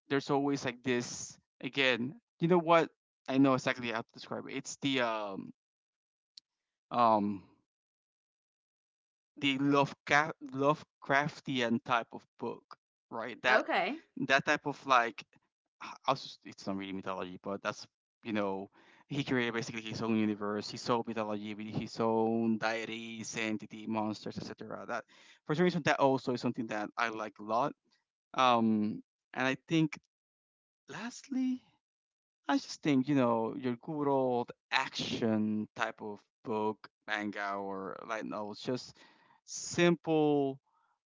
B: there's always like this. Again, you know what? I know exactly how to describe it. It's um the Lovecraftian type of book, right? That
A: Okay.
B: that type of like, h- I it's not really mythology, but that's, you know, he created basically his own universe, his own mythology with his own deities, entity, monsters, etc. That for some reason that also is something that I like a lot. Um, and I think lastly, I just think, you know, your good old action type of book, manga, or light novels, just simple,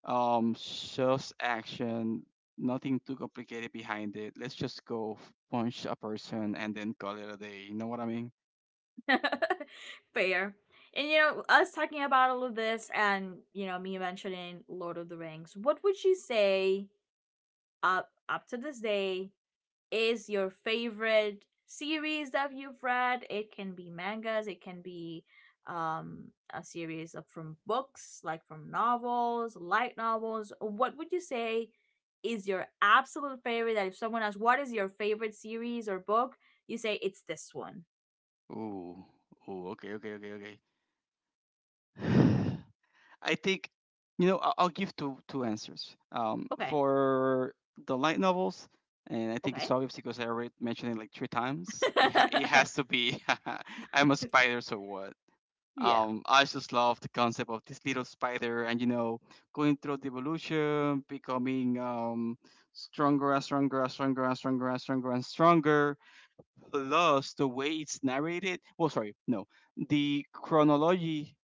B: just action, nothing too complicated behind it. Let's just go punch a person and then call it a day. You know what I mean?
A: Fair. And, us talking about all of this, and, me mentioning Lord of the Rings, what would you say up to this day is your favorite series that you've read? It can be mangas, it can be, um a series of from books, like from novels, light novels. What would you say is your absolute favorite, that if someone asks what is your favorite series or book, you say it's this one?
B: Ooh, ooh, okay, okay, okay, okay. I think, you know, I'll give two answers.
A: Okay.
B: For the light novels, and I think it's
A: Okay.
B: obvious because I already mentioned it like three times. It, it has to be. I'm a Spider, So What?
A: Yeah.
B: I just love the concept of this little spider, and you know, going through the evolution, becoming stronger and stronger and stronger and stronger and stronger and stronger. Plus, the way it's narrated. Well, sorry, no, the chronology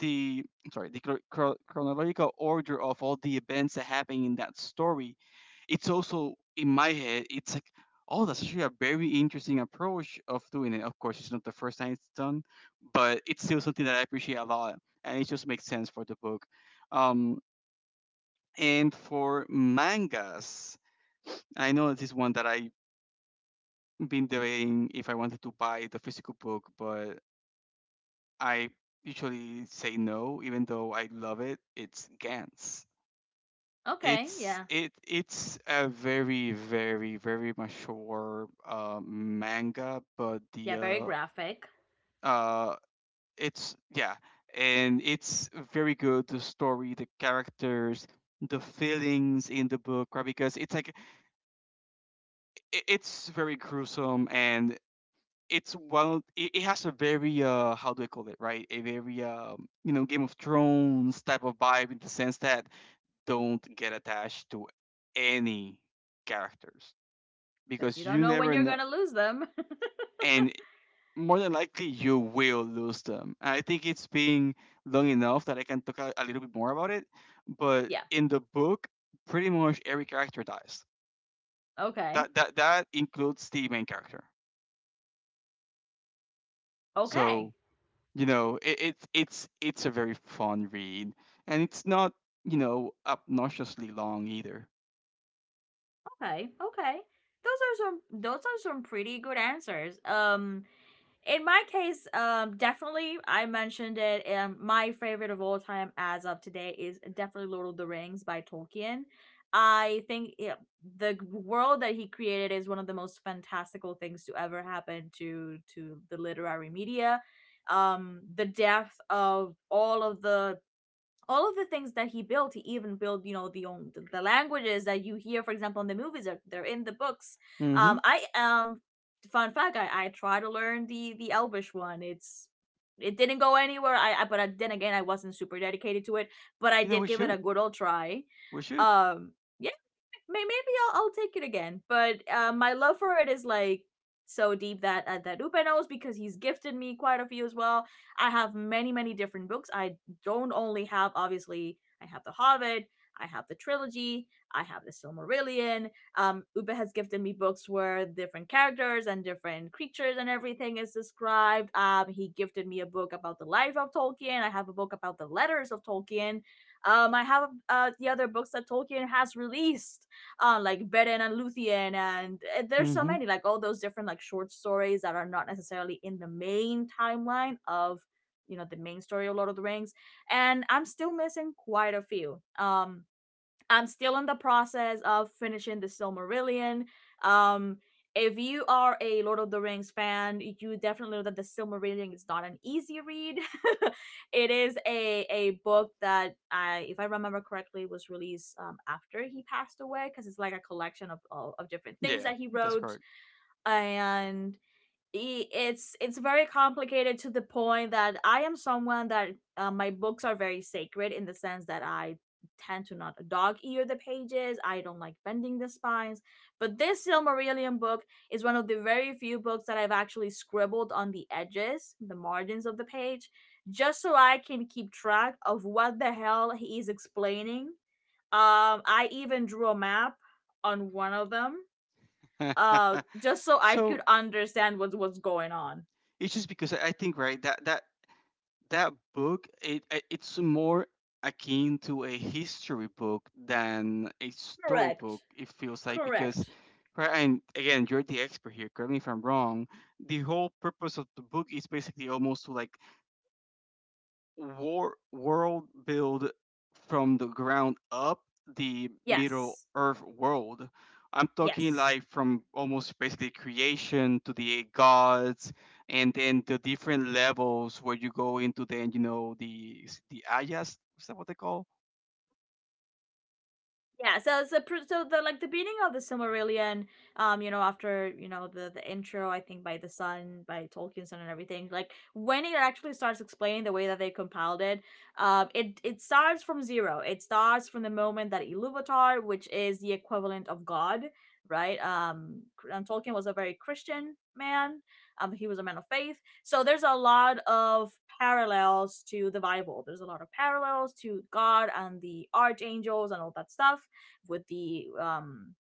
B: the sorry, the chronological order of all the events that happen in that story, it's also in my head it's like, oh, that's actually a very interesting approach of doing it. Of course it's not the first time it's done, but it's still something that I appreciate a lot, and it just makes sense for the book. Um, and for mangas, I know this is one that I've been debating if I wanted to buy the physical book, but I usually say no, even though I love it. It's Gantz.
A: Okay.
B: It's
A: Yeah.
B: it's a very very very mature manga, but the
A: Yeah, very graphic,
B: uh it's, yeah, and it's very good. The story, the characters, the feelings in the book, right? Because it's like, I it's very gruesome. And it's one. It has a very how do I call it, right? A very you know, Game of Thrones type of vibe in the sense that don't get attached to any characters.
A: because you
B: Because
A: don't
B: you
A: know when
B: never
A: you're
B: know,
A: going to lose them.
B: and more than likely you will lose them. I think it's been long enough that I can talk a little bit more about it. But
A: Yeah.
B: in the book, pretty much every character dies.
A: Okay.
B: That includes the main character.
A: Okay.
B: So you know, it's it's a very fun read, and it's not, you know, obnoxiously long either.
A: Okay, okay. Those are some pretty good answers. In my case, definitely I mentioned it, my favorite of all time as of today is definitely Lord of the Rings by Tolkien. I think the world that he created is one of the most fantastical things to ever happen to the literary media. The depth of all of the, things that he built, he even built, the own languages that you hear, for example, in the movies, are they're in the books.
B: Mm-hmm.
A: I, fun fact, I try to learn the Elvish one. It didn't go anywhere. Then again, I wasn't super dedicated to it, but I
B: You know,
A: did give it a good old try.
B: we should.
A: um yeah, maybe I'll, take it again. But, my love for it is like so deep that Upe knows because he's gifted me quite a few as well. I have many many different books. I don't only have, obviously I have the Hobbit, I have the trilogy, I have the Silmarillion. Upe has gifted me books where different characters and different creatures and everything is described. He gifted me a book about the life of Tolkien. I have a book about the letters of Tolkien. I have, the other books that Tolkien has released, like Beren and Luthien, and, there's so
B: Mm-hmm.
A: many, like, all those different like short stories that are not necessarily in the main timeline of, the main story of Lord of the Rings, and I'm still missing quite a few. I'm still in the process of finishing the Silmarillion. Um, if you are a Lord of the Rings fan, you definitely know that the Silmarillion is not an easy read. It is a book that I, if I remember correctly, was released after he passed away because it's like a collection of, of different things
B: Yeah,
A: that he
B: that's
A: wrote,
B: correct.
A: and it's very complicated to the point that I am someone that my books are very sacred in the sense that I tend to not dog ear the pages. I don't like bending the spines. But this Silmarillion book is one of the very few books that I've actually scribbled on the edges, the margins of the page, just so I can keep track of what the hell he is explaining. I even drew a map on one of them, just so I could
B: so
A: understand what's going on.
B: it's just because I think, right, that that book, it's more akin to a history book than a storybook,
A: Correct.
B: it feels like. Because,
A: Correct.
B: right, and again, you're the expert here, correct me if I'm wrong, the whole purpose of the book is basically almost to like war world build from the ground up the Middle
A: Yes.
B: Earth world. I'm talking
A: Yes.
B: like from almost basically creation to the gods, and then the different levels where you go into. Then you know, the, is it the Ayas, is that what they call?
A: Yeah, so the beginning of the Silmarillion, you know, after you know the intro, I think by the Sun, by Tolkien's Son and everything, like when it actually starts explaining the way that they compiled it. It starts from zero. It starts from the moment that Iluvatar, which is the equivalent of God, right? Tolkien was a very Christian man. He was a man of faith. So there's a lot of parallels to the Bible. There's a lot of parallels to God and the archangels and all that stuff with the um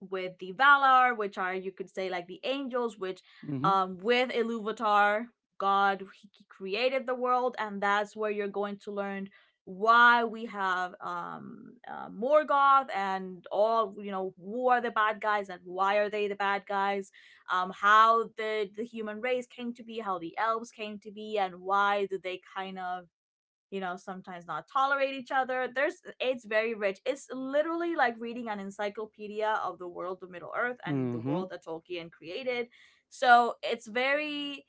A: with the Valar, which are, you could say, like the angels, which
B: Mm-hmm.
A: with Iluvatar, God he created the world, and that's where you're going to learn why we have Morgoth and all, you know, who are the bad guys and why are they the bad guys. How the human race came to be, how the elves came to be, and why do they kind of, you know, sometimes not tolerate each other. There's It's very rich. It's literally like reading an encyclopedia of the world of Middle Earth and the
B: Mm-hmm.
A: world that Tolkien created. So it's very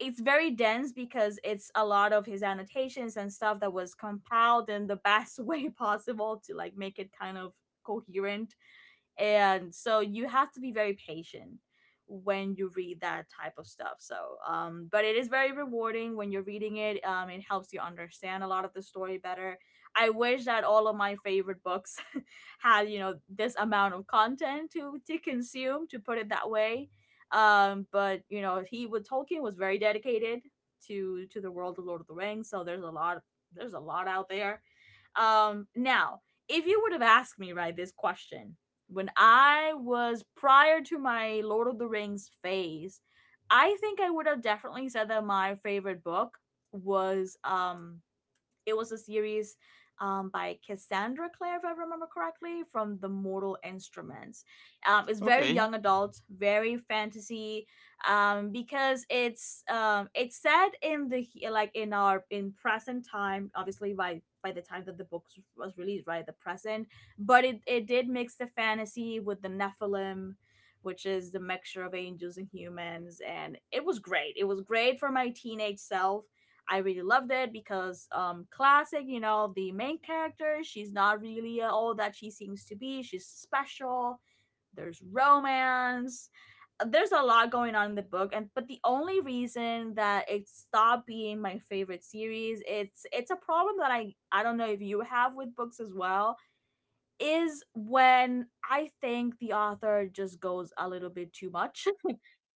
A: it's very dense because it's a lot of his annotations and stuff that was compiled in the best way possible to, like, make it kind of coherent. And so you have to be very patient when you read that type of stuff, so but it is very rewarding when you're reading it. It helps you understand a lot of the story better. I wish that all of my favorite books had, you know, this amount of content to consume, to put it that way. But, you know, he with Tolkien was very dedicated to the world of Lord of the Rings, so there's a lot, there's a lot out there. Now, if you would have asked me, right, this question when I was prior to my Lord of the Rings phase, I think I would have definitely said that my favorite book was it was a series, by Cassandra Clare, if I remember correctly, from the Mortal Instruments. It's very
B: Okay.
A: young adult, very fantasy, because it's set in the, like, in our, in present time, obviously by the time that the book was released, right, the present. But it did mix the fantasy with the Nephilim, which is the mixture of angels and humans, and it was great for my teenage self. I really loved it because classic, you know, the main character, she's not really all that she seems to be. She's special. There's romance. There's a lot going on in the book, and but the only reason that it stopped being my favorite series, it's a problem that I don't know if you have with books as well, is when I think the author just goes a little bit too much.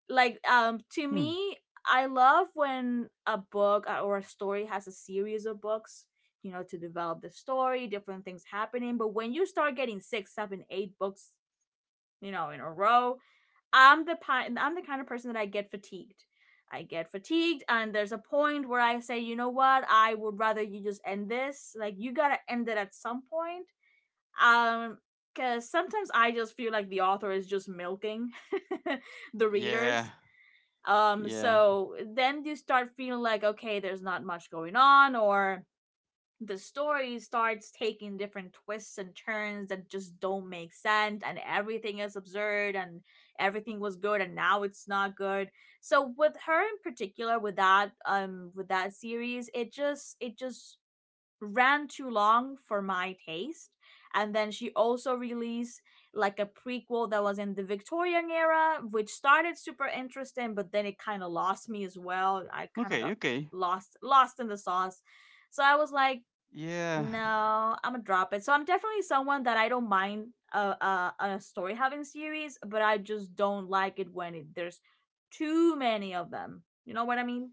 A: Like, to
B: Hmm.
A: me, I love when a book, or a story has a series of books, you know, to develop the story, different things happening, but when you start getting six, seven, eight books, you know, in a row, I'm the kind of person that I get fatigued. I get fatigued, and there's a point where I say, you know what, I would rather you just end this. Like, you gotta end it at some point. um because sometimes I just feel like the author is just milking the
B: Yeah.
A: readers.
B: Yeah.
A: So then you start feeling like, okay, there's not much going on, or the story starts taking different twists and turns that just don't make sense, and everything is absurd, and everything was good, and now it's not good. So with her in particular, with that series, it just ran too long for my taste. And then she also released, like, a prequel that was in the Victorian era, which started super interesting, but then it kind of lost me as well. I kind of got
B: Okay. Okay.
A: lost in the sauce. So I was like,
B: Yeah,
A: no, I'm gonna drop it. So I'm definitely someone that I don't mind a story having series, but I just don't like it when it, there's too many of them. You know what I mean?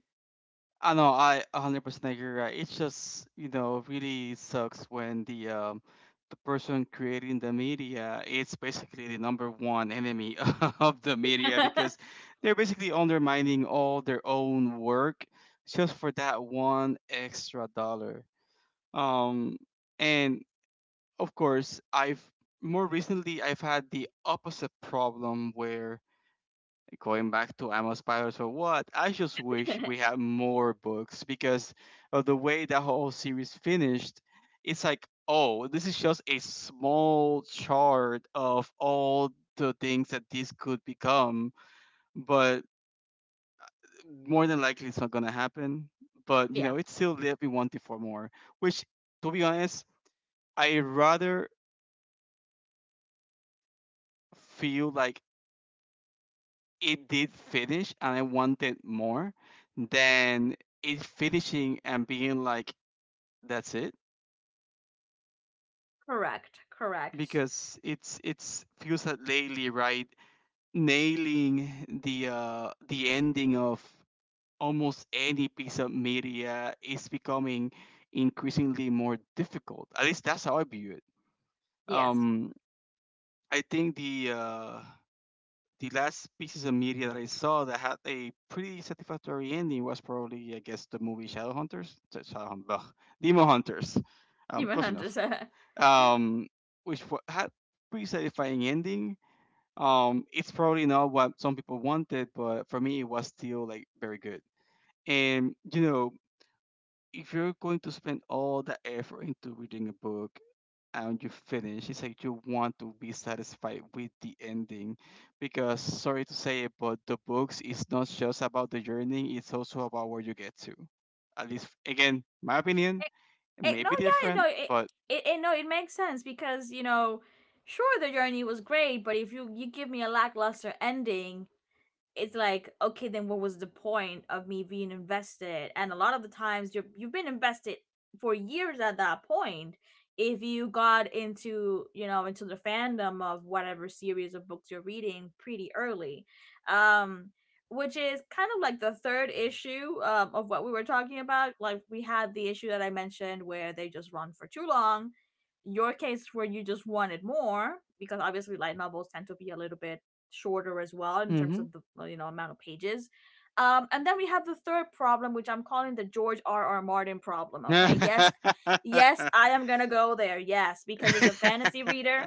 B: I know, I 100% agree, right? It's just, you know, Really sucks when the person creating the media is basically the number one enemy of the media because they're basically undermining all their own work just for that one extra dollar. Um, and of course, I've more recently I've had the opposite problem where going back to Amos Pylor or what? I just wish we had more books because of the way that whole series finished. It's like, oh, this is just a small chart of all the things that this could become, but more than likely it's not gonna happen. But you
A: Yeah,
B: know, it still left me wanting for more. Which, to be honest, I rather feel like it did finish and I wanted more than it finishing and being like that's it.
A: correct, correct.
B: Because it's feels that lately, right, nailing the ending of almost any piece of media is becoming increasingly more difficult. At least that's how I view it.
A: Yes.
B: Um, I think the last pieces of media that I saw that had a pretty satisfactory ending was probably, I guess, the movie Shadowhunters. Demon Hunters.
A: Demon
B: Close enough.
A: Hunters.
B: Um, which had pretty satisfying ending. It's probably not what some people wanted, but for me, it was still like very good. And you know, if you're going to spend all that effort into reading a book and you finish, it's like you want to be satisfied with the ending. Because sorry to say it, but the books is not just about the journey, it's also about where you get to. At least again, my opinion, it may
A: No,
B: be
A: yeah,
B: different,
A: no,
B: but
A: no, it makes sense because, you know, sure, the journey was great, but if you give me a lackluster ending, it's like, okay, then what was the point of me being invested? And a lot of the times you've been invested for years at that point if you got into, you know, into the fandom of whatever series of books you're reading pretty early. um which is kind of like the third issue, of what we were talking about. Like, we had the issue that I mentioned where they just run for too long, your case where you just wanted more because obviously light novels tend to be a little bit shorter as well in terms
B: mm-hmm.
A: of the, you know, amount of pages. And then we have the third problem, which I'm calling the George R. R. Martin problem. Okay, yes, yes, I am gonna go there. Yes, because as a fantasy
B: mm-hmm.
A: reader,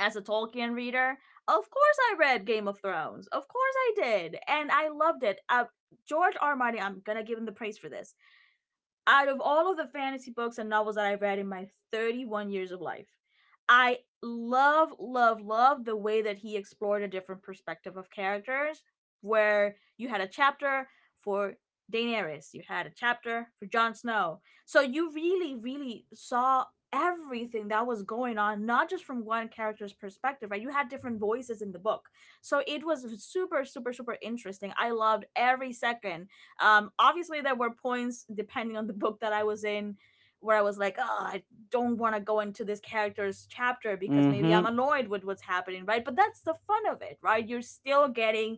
A: as a Tolkien reader, of course I read Game of Thrones. Of course I did, and I loved it. George R. R. Martin, I'm gonna give him the praise for this. Out of all of the fantasy books and novels that I've read in my 31 years of life, I love, love, love the way that he explored a different perspective of characters. Where you had a chapter for Daenerys, you had a chapter for Jon Snow. So you really, really saw everything that was going on, not just from one character's perspective, right? You had different voices in the book. So it was super, super, super interesting. I loved every second. Obviously, there were points depending on the book that I was in where I was like, oh, I don't want to go into this character's chapter because maybe I'm annoyed with what's happening, right? But that's the fun of it, right? You're still getting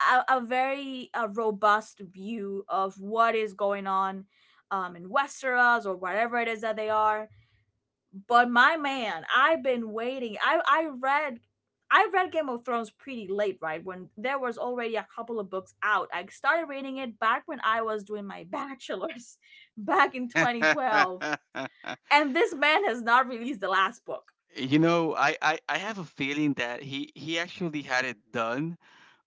A: a very a robust view of what is going on, in Westeros or whatever it is that they are. But my man, I've been waiting. I read Game of Thrones pretty late, right? When there was already a couple of books out. I started reading it back when I was doing my bachelor's back in 2012. And this man has not released the last book.
B: You know, I have a feeling that he actually had it done,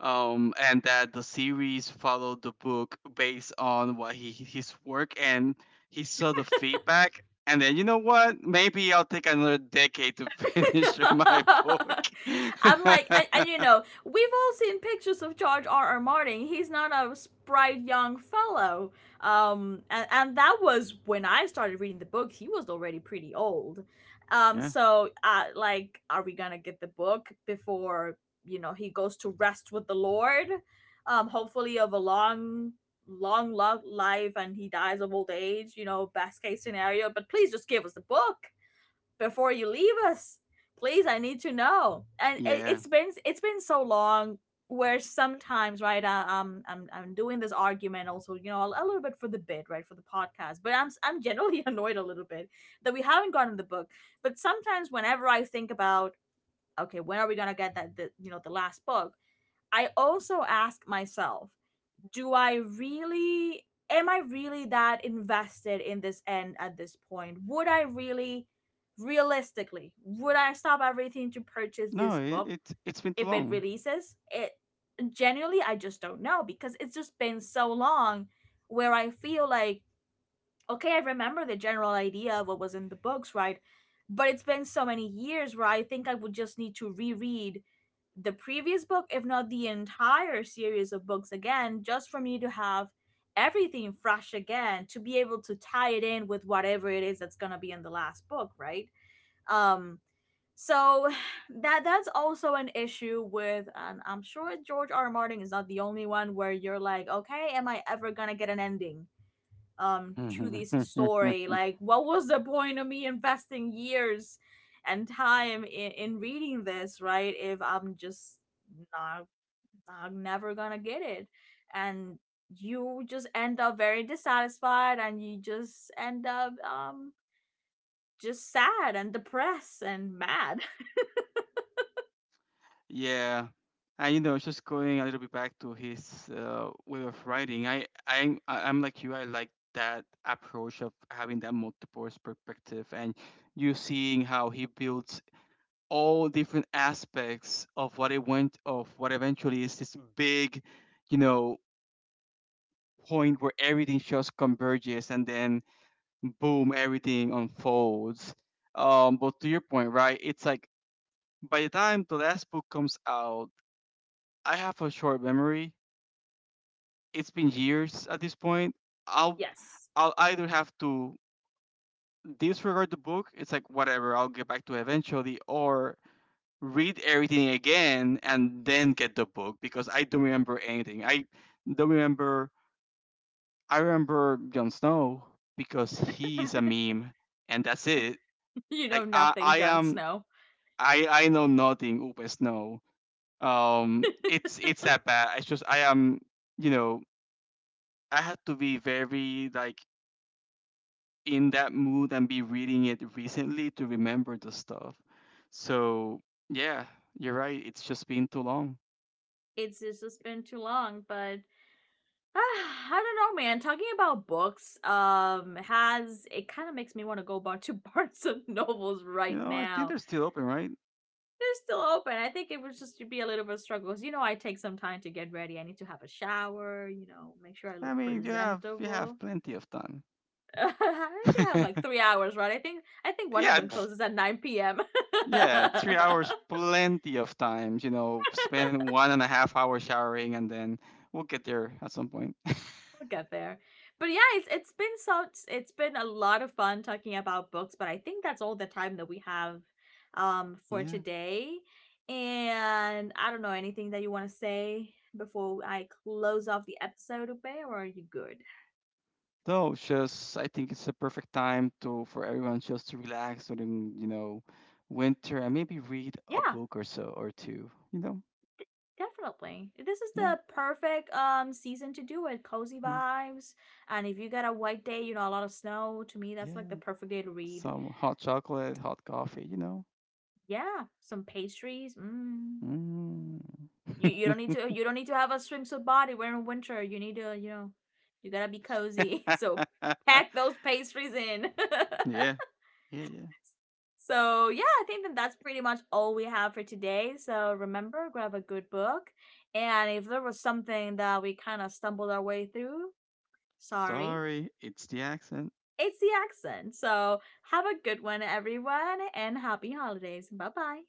B: and that the series followed the book based on what he his work, and he saw the feedback. And then you know what? Maybe I'll take another decade to finish my book.
A: I'm like, and, you know, we've all seen pictures of George R. R. Martin. He's not a bright young fellow. And that was when I started reading the book. He was already pretty old.
B: yeah,
A: Like, are we gonna get the book before, you know, he goes to rest with the Lord? Hopefully of a long, long, long life, and he dies of old age. You know, best case scenario. But please just give us the book before you leave us. Please, I need to know. And it,
B: yeah.
A: it's been it's been so long, where sometimes, right, I'm doing this argument also, you know, a little bit for the bit, right, for the podcast, but I'm generally annoyed a little bit that we haven't gotten the book. But sometimes, whenever I think about, okay, when are we gonna get that, the, you know, the last book, I also ask myself, do I really am I really that invested in this end at this point? Would I really Realistically, would I stop everything to purchase
B: No,
A: this book
B: it's been
A: if it
B: too
A: releases? It Genuinely, I just don't know because it's just been so long, where I feel like, okay, I remember the general idea of what was in the books, right? But it's been so many years where I think I would just need to reread the previous book, if not the entire series of books again, just for me to have everything fresh again to be able to tie it in with whatever it is that's going to be in the last book, right? Um so that's also an issue with, and I'm sure George R. R. Martin is not the only one where you're like, "Okay, am I ever going to get an ending?" To
B: long.
A: this story. Like, what was the point of me investing years and time in reading this, right? If I'm just not, I'm never gonna get it, and you just end up very dissatisfied, and you just end up just sad and depressed and mad.
B: Yeah, and you know, just going a little bit back to his way of writing, I'm like you. I like that approach of having that multiverse perspective, and you seeing how he builds all different aspects of what it went of what eventually is this big, you know, point where everything just converges, and then boom, everything unfolds. But to your point, right? It's like by the time the last book comes out. I have a short memory, it's been years at this point. I'll
A: Yes.
B: I'll either have to disregard the book. It's like whatever. I'll get back to it eventually, or read everything again and then get the book because I don't remember anything. I don't remember. I remember Jon Snow because he's a meme, and that's it.
A: You know
B: Like
A: nothing,
B: I
A: Jon
B: am,
A: Snow.
B: I know nothing over Snow. It's that bad. It's just I am, you know, I had to be very like in that mood and be reading it recently to remember the stuff. So yeah, you're right. It's just been too long.
A: It's just been too long, but Uh, I don't know, man. Talking about books, has it kind of makes me want to go back to Barnes and Nobles
B: You
A: right
B: know, I think
A: now.
B: they're still open, right?
A: They're still open. I think it would just be a little bit of a struggle, 'cause, you know, I take some time to get ready. I need to have a shower. You know, make sure I
B: I
A: look
B: mean, you have
A: presentable.
B: plenty of time.
A: I think I have
B: yeah,
A: like 3 hours, right? I think one of them
B: it's-
A: closes at 9 p.m.
B: yeah, 3 hours, plenty of time. You know, spend one and a half hour showering, and then we'll get there at some point.
A: We'll get there. But yeah, it's been a lot of fun talking about books, but I think that's all the time that we have for
B: Yeah.
A: today. And I don't know anything that you want to say before I close off the episode, Ube, or are you good?
B: No, it's just I think it's a perfect time to for everyone just to relax during, you know, winter, and maybe read a
A: Yeah,
B: book or so or two. You know?
A: definitely. This is
B: Yeah,
A: the perfect season to do it. Cozy
B: yeah,
A: vibes. And if you got a white day, you know, a lot of snow, to me that's like the
B: yeah.
A: perfect day to read.
B: Some hot chocolate, hot coffee, you know?
A: Yeah, some pastries. Mm.
B: Mm.
A: You don't need to have a swimsuit body. Wearing winter. You need to, you gotta be cozy. So pack those pastries in.
B: yeah. Yeah, yeah.
A: So yeah, I think that's pretty much all we have for today. So remember, grab a good book, and if there was something that we kind of stumbled our way through, sorry,
B: Sorry, it's the accent.
A: it's the accent. So have a good one, everyone, and happy holidays. Bye bye.